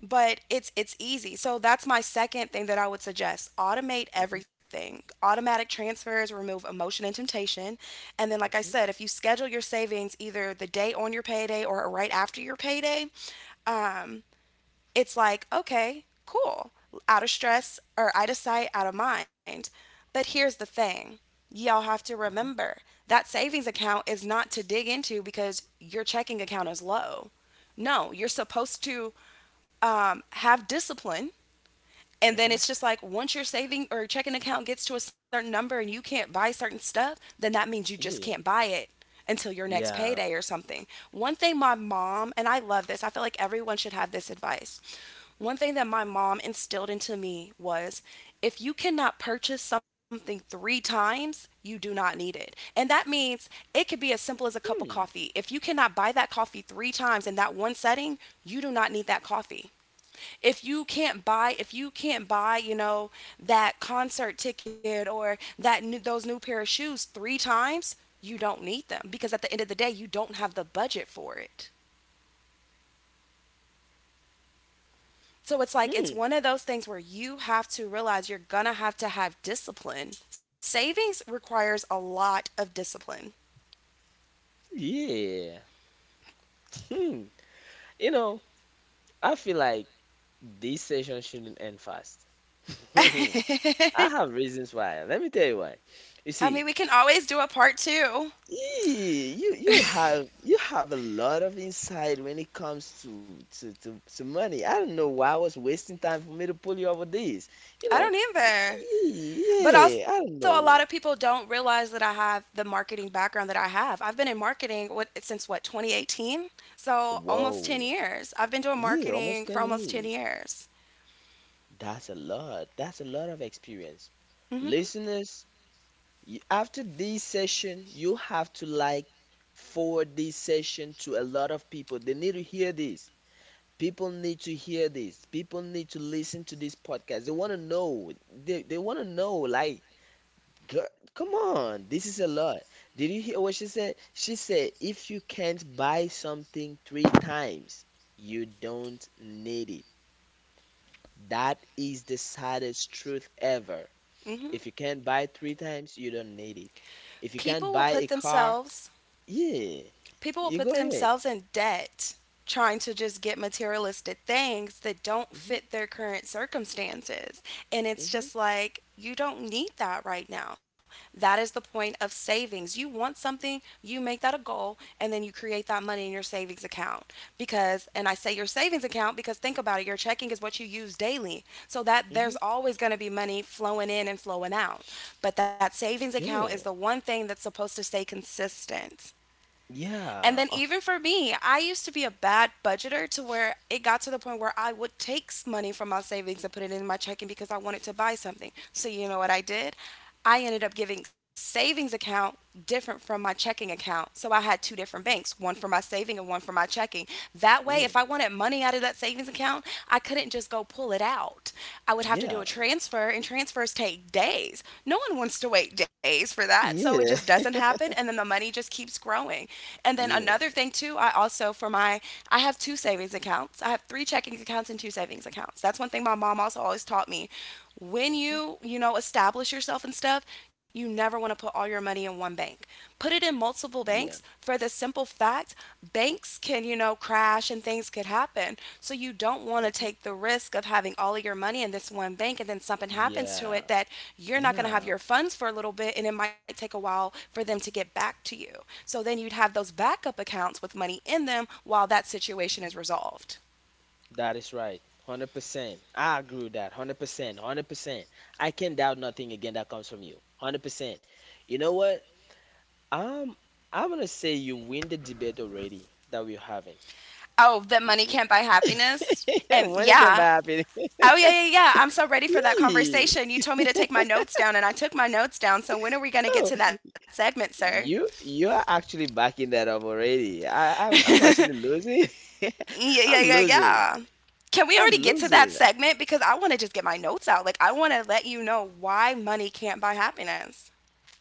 A: but it's easy. So that's my second thing that I would suggest. Automate
B: Mhm.
A: everything. Automatic transfers remove emotion and temptation. And then like I
B: Mhm.
A: said, if you schedule your savings either the day on your payday or right after your payday, um, it's like, okay, cool. Out of stress, or out of sight, out of mind. But here's the thing, y'all have to
B: Mhm.
A: remember that savings account is not to dig into because your checking account is low. No, you're supposed to, have discipline. And then
B: Mhm.
A: it's just like once your saving or checking account gets to a certain number and you can't buy certain stuff, then that means you just
B: Yeah.
A: can't buy it until your next
B: Yeah.
A: payday or something. One thing my mom, and I love this, I feel like everyone should have this advice. One thing that my mom instilled into me was if you cannot purchase something 3 times, you do not need it. And that means it could be as simple as a cup of
B: Hmm.
A: coffee. If you cannot buy that coffee 3 times in that one setting, you do not need that coffee. If you can't buy, you know, that concert ticket or those new pair of shoes 3 times, you don't need them because at the end of the day, you don't have the budget for it. So it's like it's
B: Hmm.
A: one of those things where you have to realize you're going to have discipline. Savings requires a lot of discipline.
B: Yeah. Hmm. You know, I feel like this session shouldn't end fast. I
A: I
B: have reasons why. Let me tell you why. You
A: mean, we can
B: see,
A: always do a part 2.
B: eh, you have a lot of insight when it comes to money. I don't know why I was wasting time for me to pull you over this. You
A: I
B: know,
A: don't either. But also,
B: yeah,
A: a
B: I
A: lot
B: don't
A: of people
B: know.
A: don't realize that I have the marketing background that I have. I've been in marketing what, since what, 2018? So almost 10
B: Whoa.
A: years. I've been doing
B: Yeah, almost
A: marketing
B: 10
A: for almost 10
B: years.
A: years.
B: That's a lot. That's a lot of experience.
A: Hmm.
B: Listeners, you, after this session, you have to like forward this session to a lot of people. They need to hear this. People need to hear this. People need to listen to this podcast. They want to know. They want to know, like, girl, come on. This is a lot. Did you hear what she said? She said, if you can't buy something three times, you don't need it. That is the saddest truth ever.
A: Hmm.
B: If you can't buy three times, you don't need it. If you
A: People will
B: can't
A: put
B: buy a car,
A: themselves
B: yeah,
A: People will
B: you
A: put
B: go ahead.
A: themselves in debt trying to just get materialistic things that don't
B: Hmm.
A: fit their current circumstances. And it's
B: Hmm.
A: just like, you don't need that right now. That is the point of savings. You want something, you make that a goal, and then you create that money in your savings account. Because, and I say your savings account because think about it, your checking is what you use daily. So that
B: Hmm.
A: there's always going to be money flowing in and flowing out. But that savings account is the
B: Yeah,
A: one thing that's supposed to stay consistent. And
B: yeah,
A: then
B: of,
A: even for me, I used to be a bad budgeter to where it got to the point where I would take money from my savings and put it in my checking because I wanted to buy something. So you know what I did? I ended up giving savings account different from my checking account. So I had two different banks,
B: mhm,
A: one for my saving and one for my checking. That way, if I
B: yeah,
A: wanted money out of that savings account, I couldn't just go pull it out. I would have to do a
B: yeah,
A: transfer, and transfers take days. No one wants to wait days for that. So it just
B: yeah,
A: doesn't happen. And then the money just keeps growing. And then another
B: yeah,
A: thing, too, I also, for my, I have two savings accounts. I have three checking accounts and two savings accounts. That's one thing my mom also always taught me. When
B: hmm,
A: you know establish yourself and stuff, you never want to put all your money in one bank. Put it in multiple
B: yeah,
A: banks for the simple fact banks can, crash and things could happen, so you don't want to
B: hmm,
A: take the risk of having all of your money in this one bank and then something happens to
B: yeah,
A: it that you're not going to have
B: yeah.
A: your funds for a little bit and it might take a while for them to get back to you. So then you'd have those backup accounts with money in them while that situation
B: Mhm.
A: is resolved.
B: That is right. 100%. I agree with that. 100%. 100%. I can doubt nothing again that comes from you. 100%. You know what? Um, I'm gonna say you win the debate already that we're having.
A: Oh, that money can't buy happiness. And
B: When it can
A: yeah,
B: happen.
A: oh yeah, yeah, yeah. I'm so ready for that
B: Eee.
A: conversation. You told me to take my notes down, and I took my notes down. So when are we gonna get
B: Oh,
A: to that segment, sir?
B: you are actually backing that up already. I'm
A: Yeah,
B: actually losing.
A: yeah,
B: I'm
A: yeah,
B: losing.
A: yeah. Can we already
B: I'm
A: get to that
B: losing.
A: segment? Because I want to just get my notes out. Like, I want to let you know why money can't buy happiness.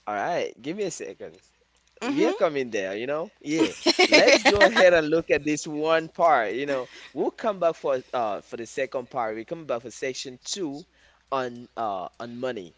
B: All right, give me a second.
A: Mm hmm.
B: We are coming there, you know? Yeah. Let's go ahead and look at this one part. We'll come back for the second part. We come back for section two on money.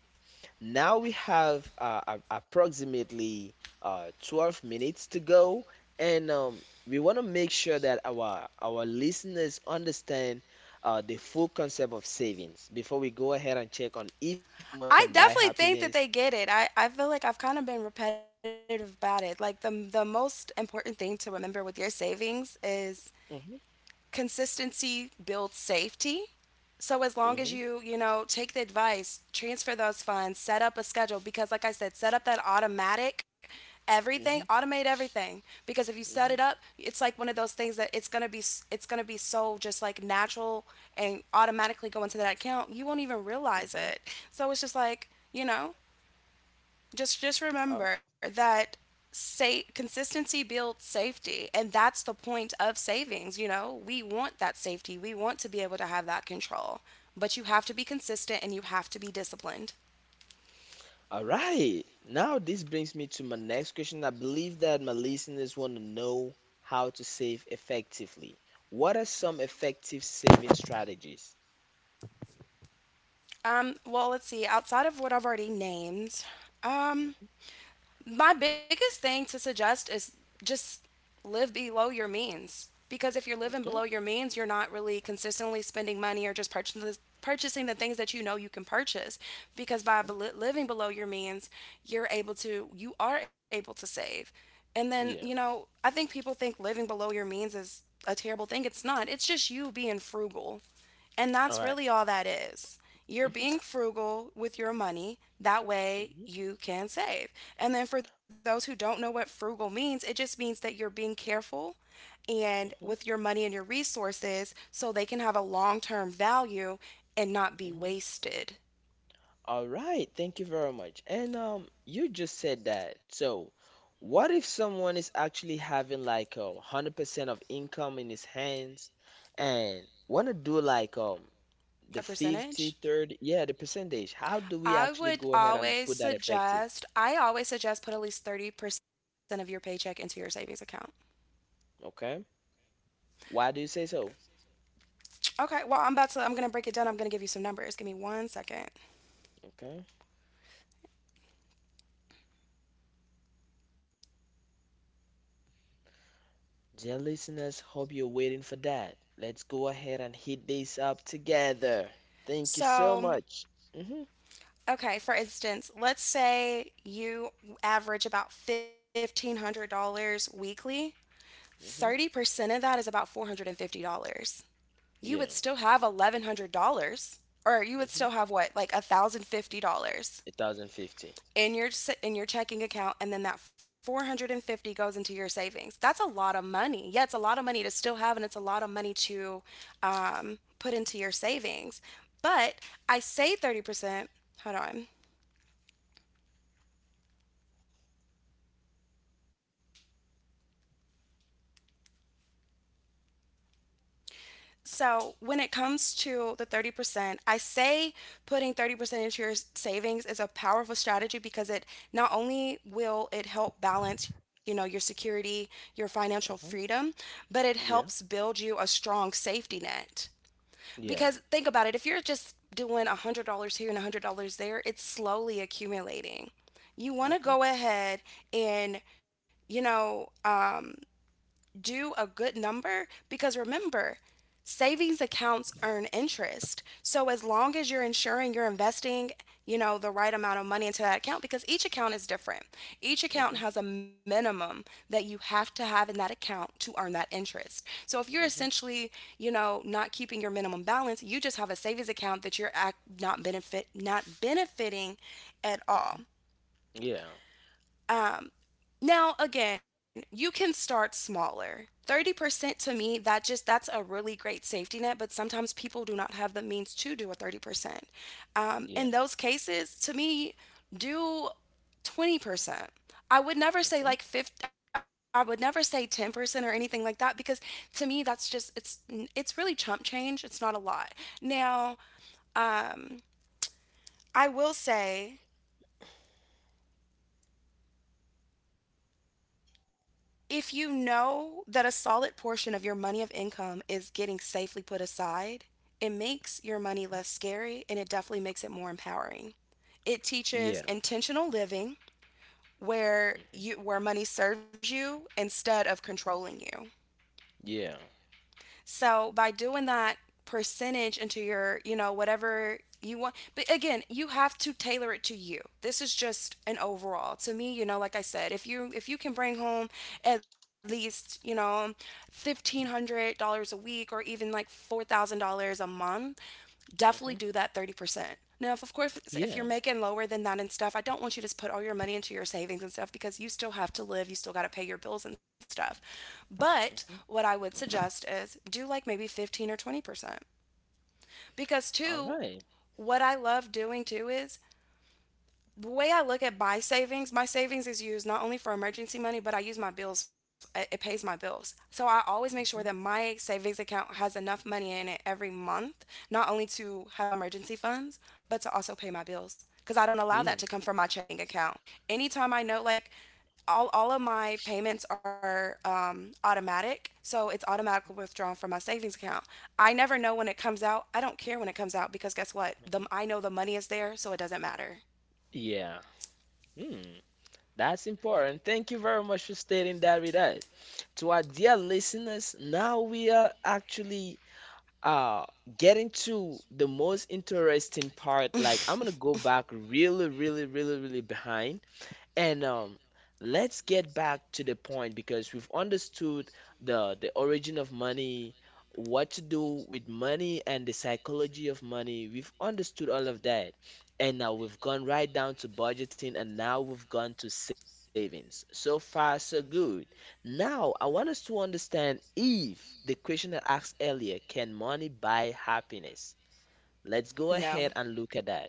B: Now we have approximately 12 minutes to go, and we want to make sure that our listeners understand the full concept of savings before we go ahead and check on if money can
A: I
B: buy
A: definitely think
B: happiness.
A: that they get it. I feel like I've kind of been repetitive about it. Like, the most important thing to remember with your savings is
B: Mhm,
A: consistency builds safety. So as long as
B: mhm,
A: you, you know, take the advice, transfer those funds, set up a schedule, because like I said, set up that automatic everything,
B: mhm,
A: automate everything, because if you set it
B: mhm,
A: up, it's like one of those things that it's going to be it's going to be so just like natural and automatically go into that account. You won't even realize
B: mhm.
A: it. So it's just like, you know, just
B: Al-
A: remember that, say consistency builds safety, and that's the point of savings. You know, we want that safety, we want to be able to have that control, but you have to be consistent and you have to be disciplined.
B: All right. Now this brings me to my next question. I believe that my listeners want to know how to save effectively. What are some effective saving strategies?
A: Um, well, let's see, outside of what I've already named, um
B: Mm-hmm.
A: my biggest thing to suggest is just live below your means, because if you're living below
B: Okay.
A: your means you're not really consistently spending money or just purchasing the things that you know you can purchase. Because
B: Uh
A: by
B: huh.
A: living below your means you are able to save. And then, you
B: Yeah.
A: know, I think people think living below your means is a terrible thing. It's not, it's just you being frugal, and that's
B: All right.
A: really all that is. You're being
B: Mm-hmm.
A: frugal with your money. That way
B: Mm-hmm.
A: you can save. And then for those who don't know what frugal means, it just means that you're being careful and
B: Mm-hmm.
A: with your money and your resources, so they can have a long term value and not be
B: Mm-hmm.
A: wasted.
B: All right. Thank you very much. And you just said that. So, what if someone is actually having like 100% of income in his hands, and want to do like
A: A
B: the 50,
A: percentage?
B: 30, yeah, the percentage. How do we
A: I
B: actually
A: would
B: go ahead and
A: always
B: put that effective?
A: suggest, I always suggest put at least 30% of your paycheck into your savings account.
B: Okay. Why do you say so?
A: Okay, well, I'm going to break it down. I'm going to give you some numbers. Give me one second.
B: Okay. Dear listeners, hope you're waiting for that. Let's go ahead and hit this up together. Thank you so
A: So,
B: much. Mhm.
A: okay, for instance, let's say you average about $1,500 weekly.
B: Mhm.
A: 30% of that is about $450. You would
B: Yeah.
A: still have $1,100, or you would still
B: Mhm.
A: have what? Like $1,050
B: 1,050.
A: in your in your checking account, and then that 450 goes into your savings. That's a lot of money. Yeah, it's a lot of money to still have, and it's a lot of money to, put into your savings. But I say 30%, hold on. So when it comes to the 30%, I say putting 30% into your savings is a powerful strategy because it, not only will it help balance, you know, your security, your financial
B: Mhm.
A: freedom, but it helps
B: Yeah.
A: build you a strong safety net. Because
B: Yeah.
A: think about it, if you're just doing $100 here and $100 there, it's slowly accumulating. You want to
B: Mhm.
A: go ahead and, you know, do a good number because, remember, savings accounts earn interest. So as long as you're ensuring you're investing, you know, the right amount of money into that account, because each account is different. Each account
B: Mhm.
A: has a minimum that you have to have in that account to earn that interest. So if you're
B: Mhm.
A: essentially, you know, not keeping your minimum balance, you just have a savings account that you're not benefiting at all.
B: Mhm. Yeah.
A: Now, again, you can start smaller. 30% to me, that's a really great safety net, but sometimes people do not have the means to do a 30%.
B: Yeah.
A: In those cases, to me, do 20%. I would never say
B: Okay.
A: like 50, I would never say 10% or anything like that, because to me that's just, it's really chump change. It's not a lot. Now, um I will say if you know that a solid portion of your money of income is getting safely put aside, it makes your money
B: Mhm.
A: less scary and it definitely makes it more empowering. It
B: Yeah.
A: teaches intentional living where
B: Mhm.
A: you where money serves you instead of
B: Mhm.
A: controlling you.
B: Yeah.
A: So by doing that percentage into your, you know, whatever you want, but again, you have to tailor it to you. This is just an overall. To me, you know, like I said, if you can bring home at least, you know, $1,500 a week or even like $4,000 a month, definitely
B: Mhm.
A: do that 30%. Now, if of course, if
B: Yeah.
A: you're making lower than that and stuff, I don't want you to put all your money into your savings and stuff, because you still have to live, you still got to pay your bills and stuff. But
B: Mhm.
A: what I would suggest is do like maybe 15 or 20%. Because,
B: All
A: two,
B: right.
A: what I love doing too is, the way I look at my savings is used not only for emergency money, but I use my bills. It pays my bills. So I always make sure that
B: Mhm.
A: my savings account has enough money in it every month, not only to have emergency funds, but to also pay my bills. Because I don't allow
B: Yeah.
A: that to come from my checking account. Anytime I know, like, all of my payments are automatic, so it's automatically withdrawn from my savings account. I never know when it comes out. I don't care when it comes out because, guess what? The,
B: Mhm.
A: I know the money is there, so it doesn't matter.
B: Yeah. Hmm. That's important. Thank you very much for stating that with us. To our dear listeners, now we are actually uh getting to the most interesting part. Like I'm gonna go back really, really, really, really behind and let's get back to the point because we've understood the origin of money, what to do with money, and the psychology of money. We've understood all of that. And now we've gone right down to budgeting and now we've gone to savings. So far, so good. Now, I want us to understand if the question I asked earlier, can money buy happiness? Let's go ahead
A: No.
B: and look at that.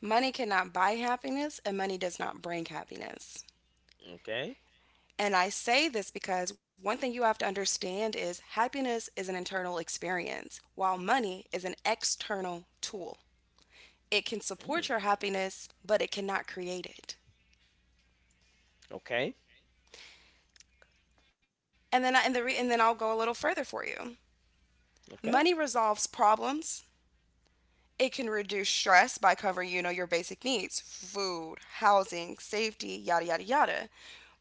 A: Money cannot buy happiness, and money does not bring happiness.
B: Okay?
A: And I say this because one thing you have to understand is happiness is an internal experience, while money is an external tool. It can support your
B: Mm,
A: happiness, but it cannot create it.
B: okay.
A: And then I'll go a little further for you.
B: Okay.
A: Money resolves problems. It can reduce stress by covering, you know, your basic needs, food, housing, safety, yada, yada, yada.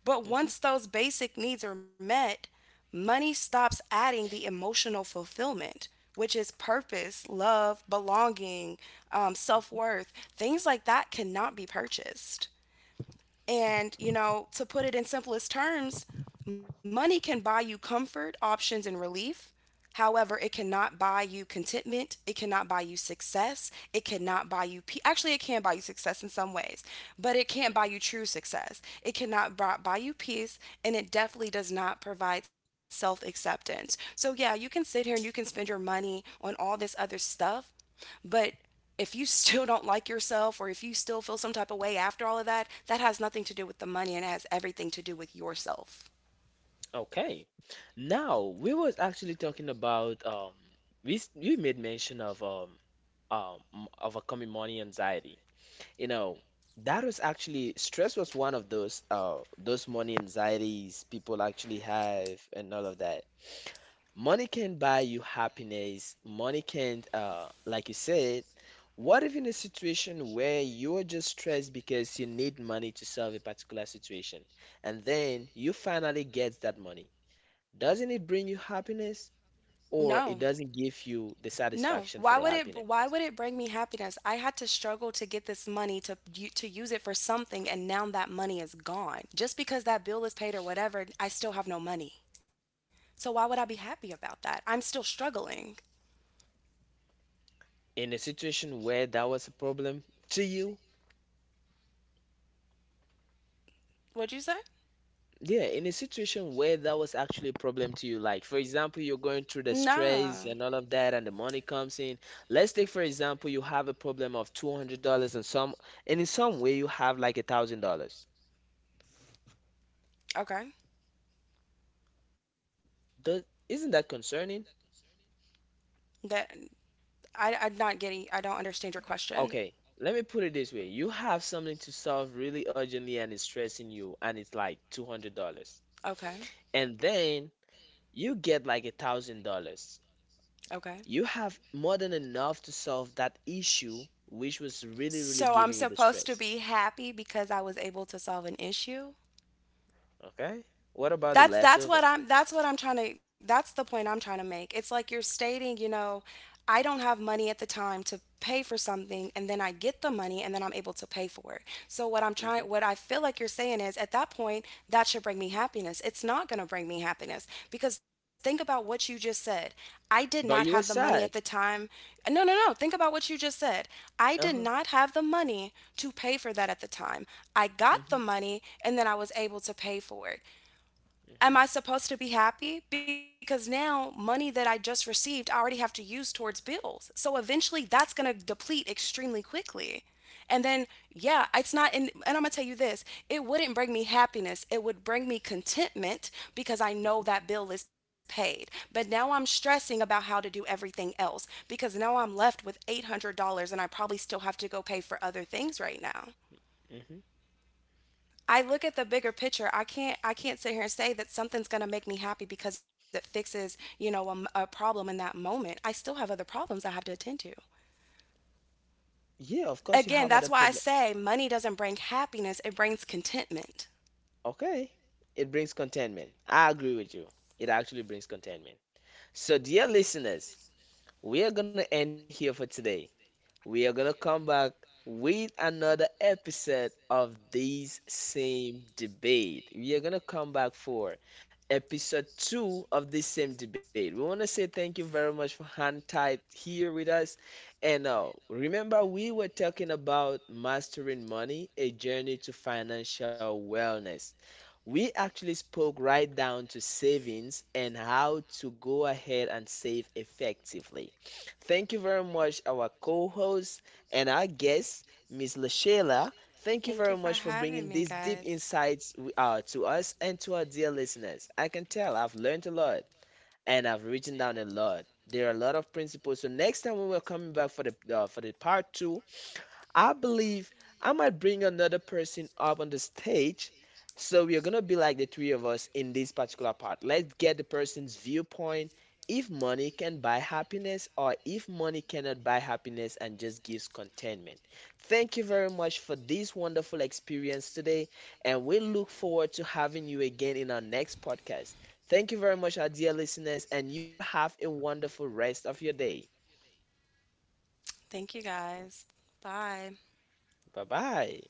A: But
B: Mhm.
A: once those basic needs are met, money stops adding the emotional fulfillment, which is purpose, love, belonging, self worth. Things like that cannot be purchased. And, you know, to put it in simplest terms, money can buy you comfort, options, and relief. However, it cannot buy you contentment. It cannot buy you success. It cannot buy you, actually, it can buy you success in some ways, but it can't buy you true success. It cannot buy you peace, and it definitely does not provide self acceptance. So, yeah, you can sit here and you can spend your money on all this other stuff, but if you still don't like yourself or if you still feel some type of way after all of that, that has nothing to do with the money and it has everything to do with yourself.
B: Okay. Now we was actually talking about we made mention of overcoming money anxiety. You know, that was actually stress was one of those money anxieties people actually have and all of that. Money can buy you happiness. Money can't like you said, what if in a situation where you're just stressed because you need money to solve a particular situation and then you finally get that money? Doesn't it bring you happiness,
A: No.
B: or it doesn't give you the
A: No.
B: satisfaction for the
A: Why
B: happiness?
A: would it bring me happiness? I had to struggle to get this money to use it for something, and now that money is gone. Just because that bill is paid or whatever, I still have no money. So why would I be happy about that? I'm still struggling.
B: In a situation where that was a problem to you,
A: What'd you say?
B: yeah, in a situation where that was actually a problem to you, like for example, you're going through the
A: Nah.
B: stress and all of that, and the money comes in. Let's take for example, you have a problem of $200 and some, and in some way you have like $1,000.
A: Okay.
B: Does Isn't that concerning?
A: That, I I'm not getting I don't understand your question.
B: Okay, let me put it this way. You have something to solve really urgently and it's stressing you, and it's like $200,
A: Okay.
B: and then you get like $1,000.
A: Okay.
B: You have more than enough to solve that issue, which was really, really
A: So I'm
B: giving you the
A: supposed to
B: stress.
A: be happy because I was able to solve an issue?
B: Okay? What about the leftover?
A: That's what I'm trying to That's the point I'm trying to make. It's like you're stating, you know, I don't have money at the time to pay for something, and then I get the money, and then I'm able to pay for it. So what I'm trying
B: Hmm.
A: what I feel like you're saying is at that point that should bring me happiness. It's not going to bring me happiness because think about what you just said. I did not have the
B: But you were
A: money at the
B: sad.
A: time. No, no, no. Think about what you just said. I did
B: Uh huh.
A: not have the money to pay for that at the time. I got the
B: Hmm.
A: money and then I was able to pay for it. Am
B: Hmm.
A: I supposed to be happy? Because now money that I just received, I already have to use towards bills. So eventually that's going to deplete extremely quickly. And then, yeah, it's not, and I'm going to tell you this, it wouldn't bring me happiness. It would bring me contentment because I know
B: Hmm.
A: that bill is paid. But now I'm stressing about how to do everything else, because now I'm left with $800 and I probably still have to go pay for other things right now.
B: Hmm.
A: I look at the bigger picture. I can't sit here and say that something's going to make me happy because it fixes, you know, a problem in that moment. I still have other problems I have to attend to.
B: Yeah, of course you
A: Again,
B: have other
A: that's why I
B: problems.
A: say money doesn't bring happiness, it brings contentment.
B: Okay. It brings contentment. I agree with you. It actually brings contentment. So, dear listeners, we are gonna end here for today. We are gonna come back with another episode of this same debate. We are gonna come back for episode two of this same debate. We wanna say thank you very much for hang tight here with us. And remember, we were talking about mastering money, a journey to financial wellness. We actually spoke right down to savings and how to go ahead and save effectively. Thank you very much, our co host and our guest, Miss LaShayla. Thank you
A: Thank you for
B: very much for
A: having me,
B: bringing these deep
A: guys.
B: insights to us and to our dear listeners. I can tell I've learned a lot and I've written down a lot. There are a lot of principles. So next time when we're coming back for the part two, I believe I might bring another person up on the stage. So we are gonna be like the three of us in this particular part. Let's get the person's viewpoint. If money can buy happiness, or if money cannot buy happiness and just gives contentment. Thank you very much for this wonderful experience today, and we look forward to having you again in our next podcast. Thank you very much, our dear listeners, and you all have a wonderful rest of your day.
A: Thank you guys. Bye.
B: Bye bye.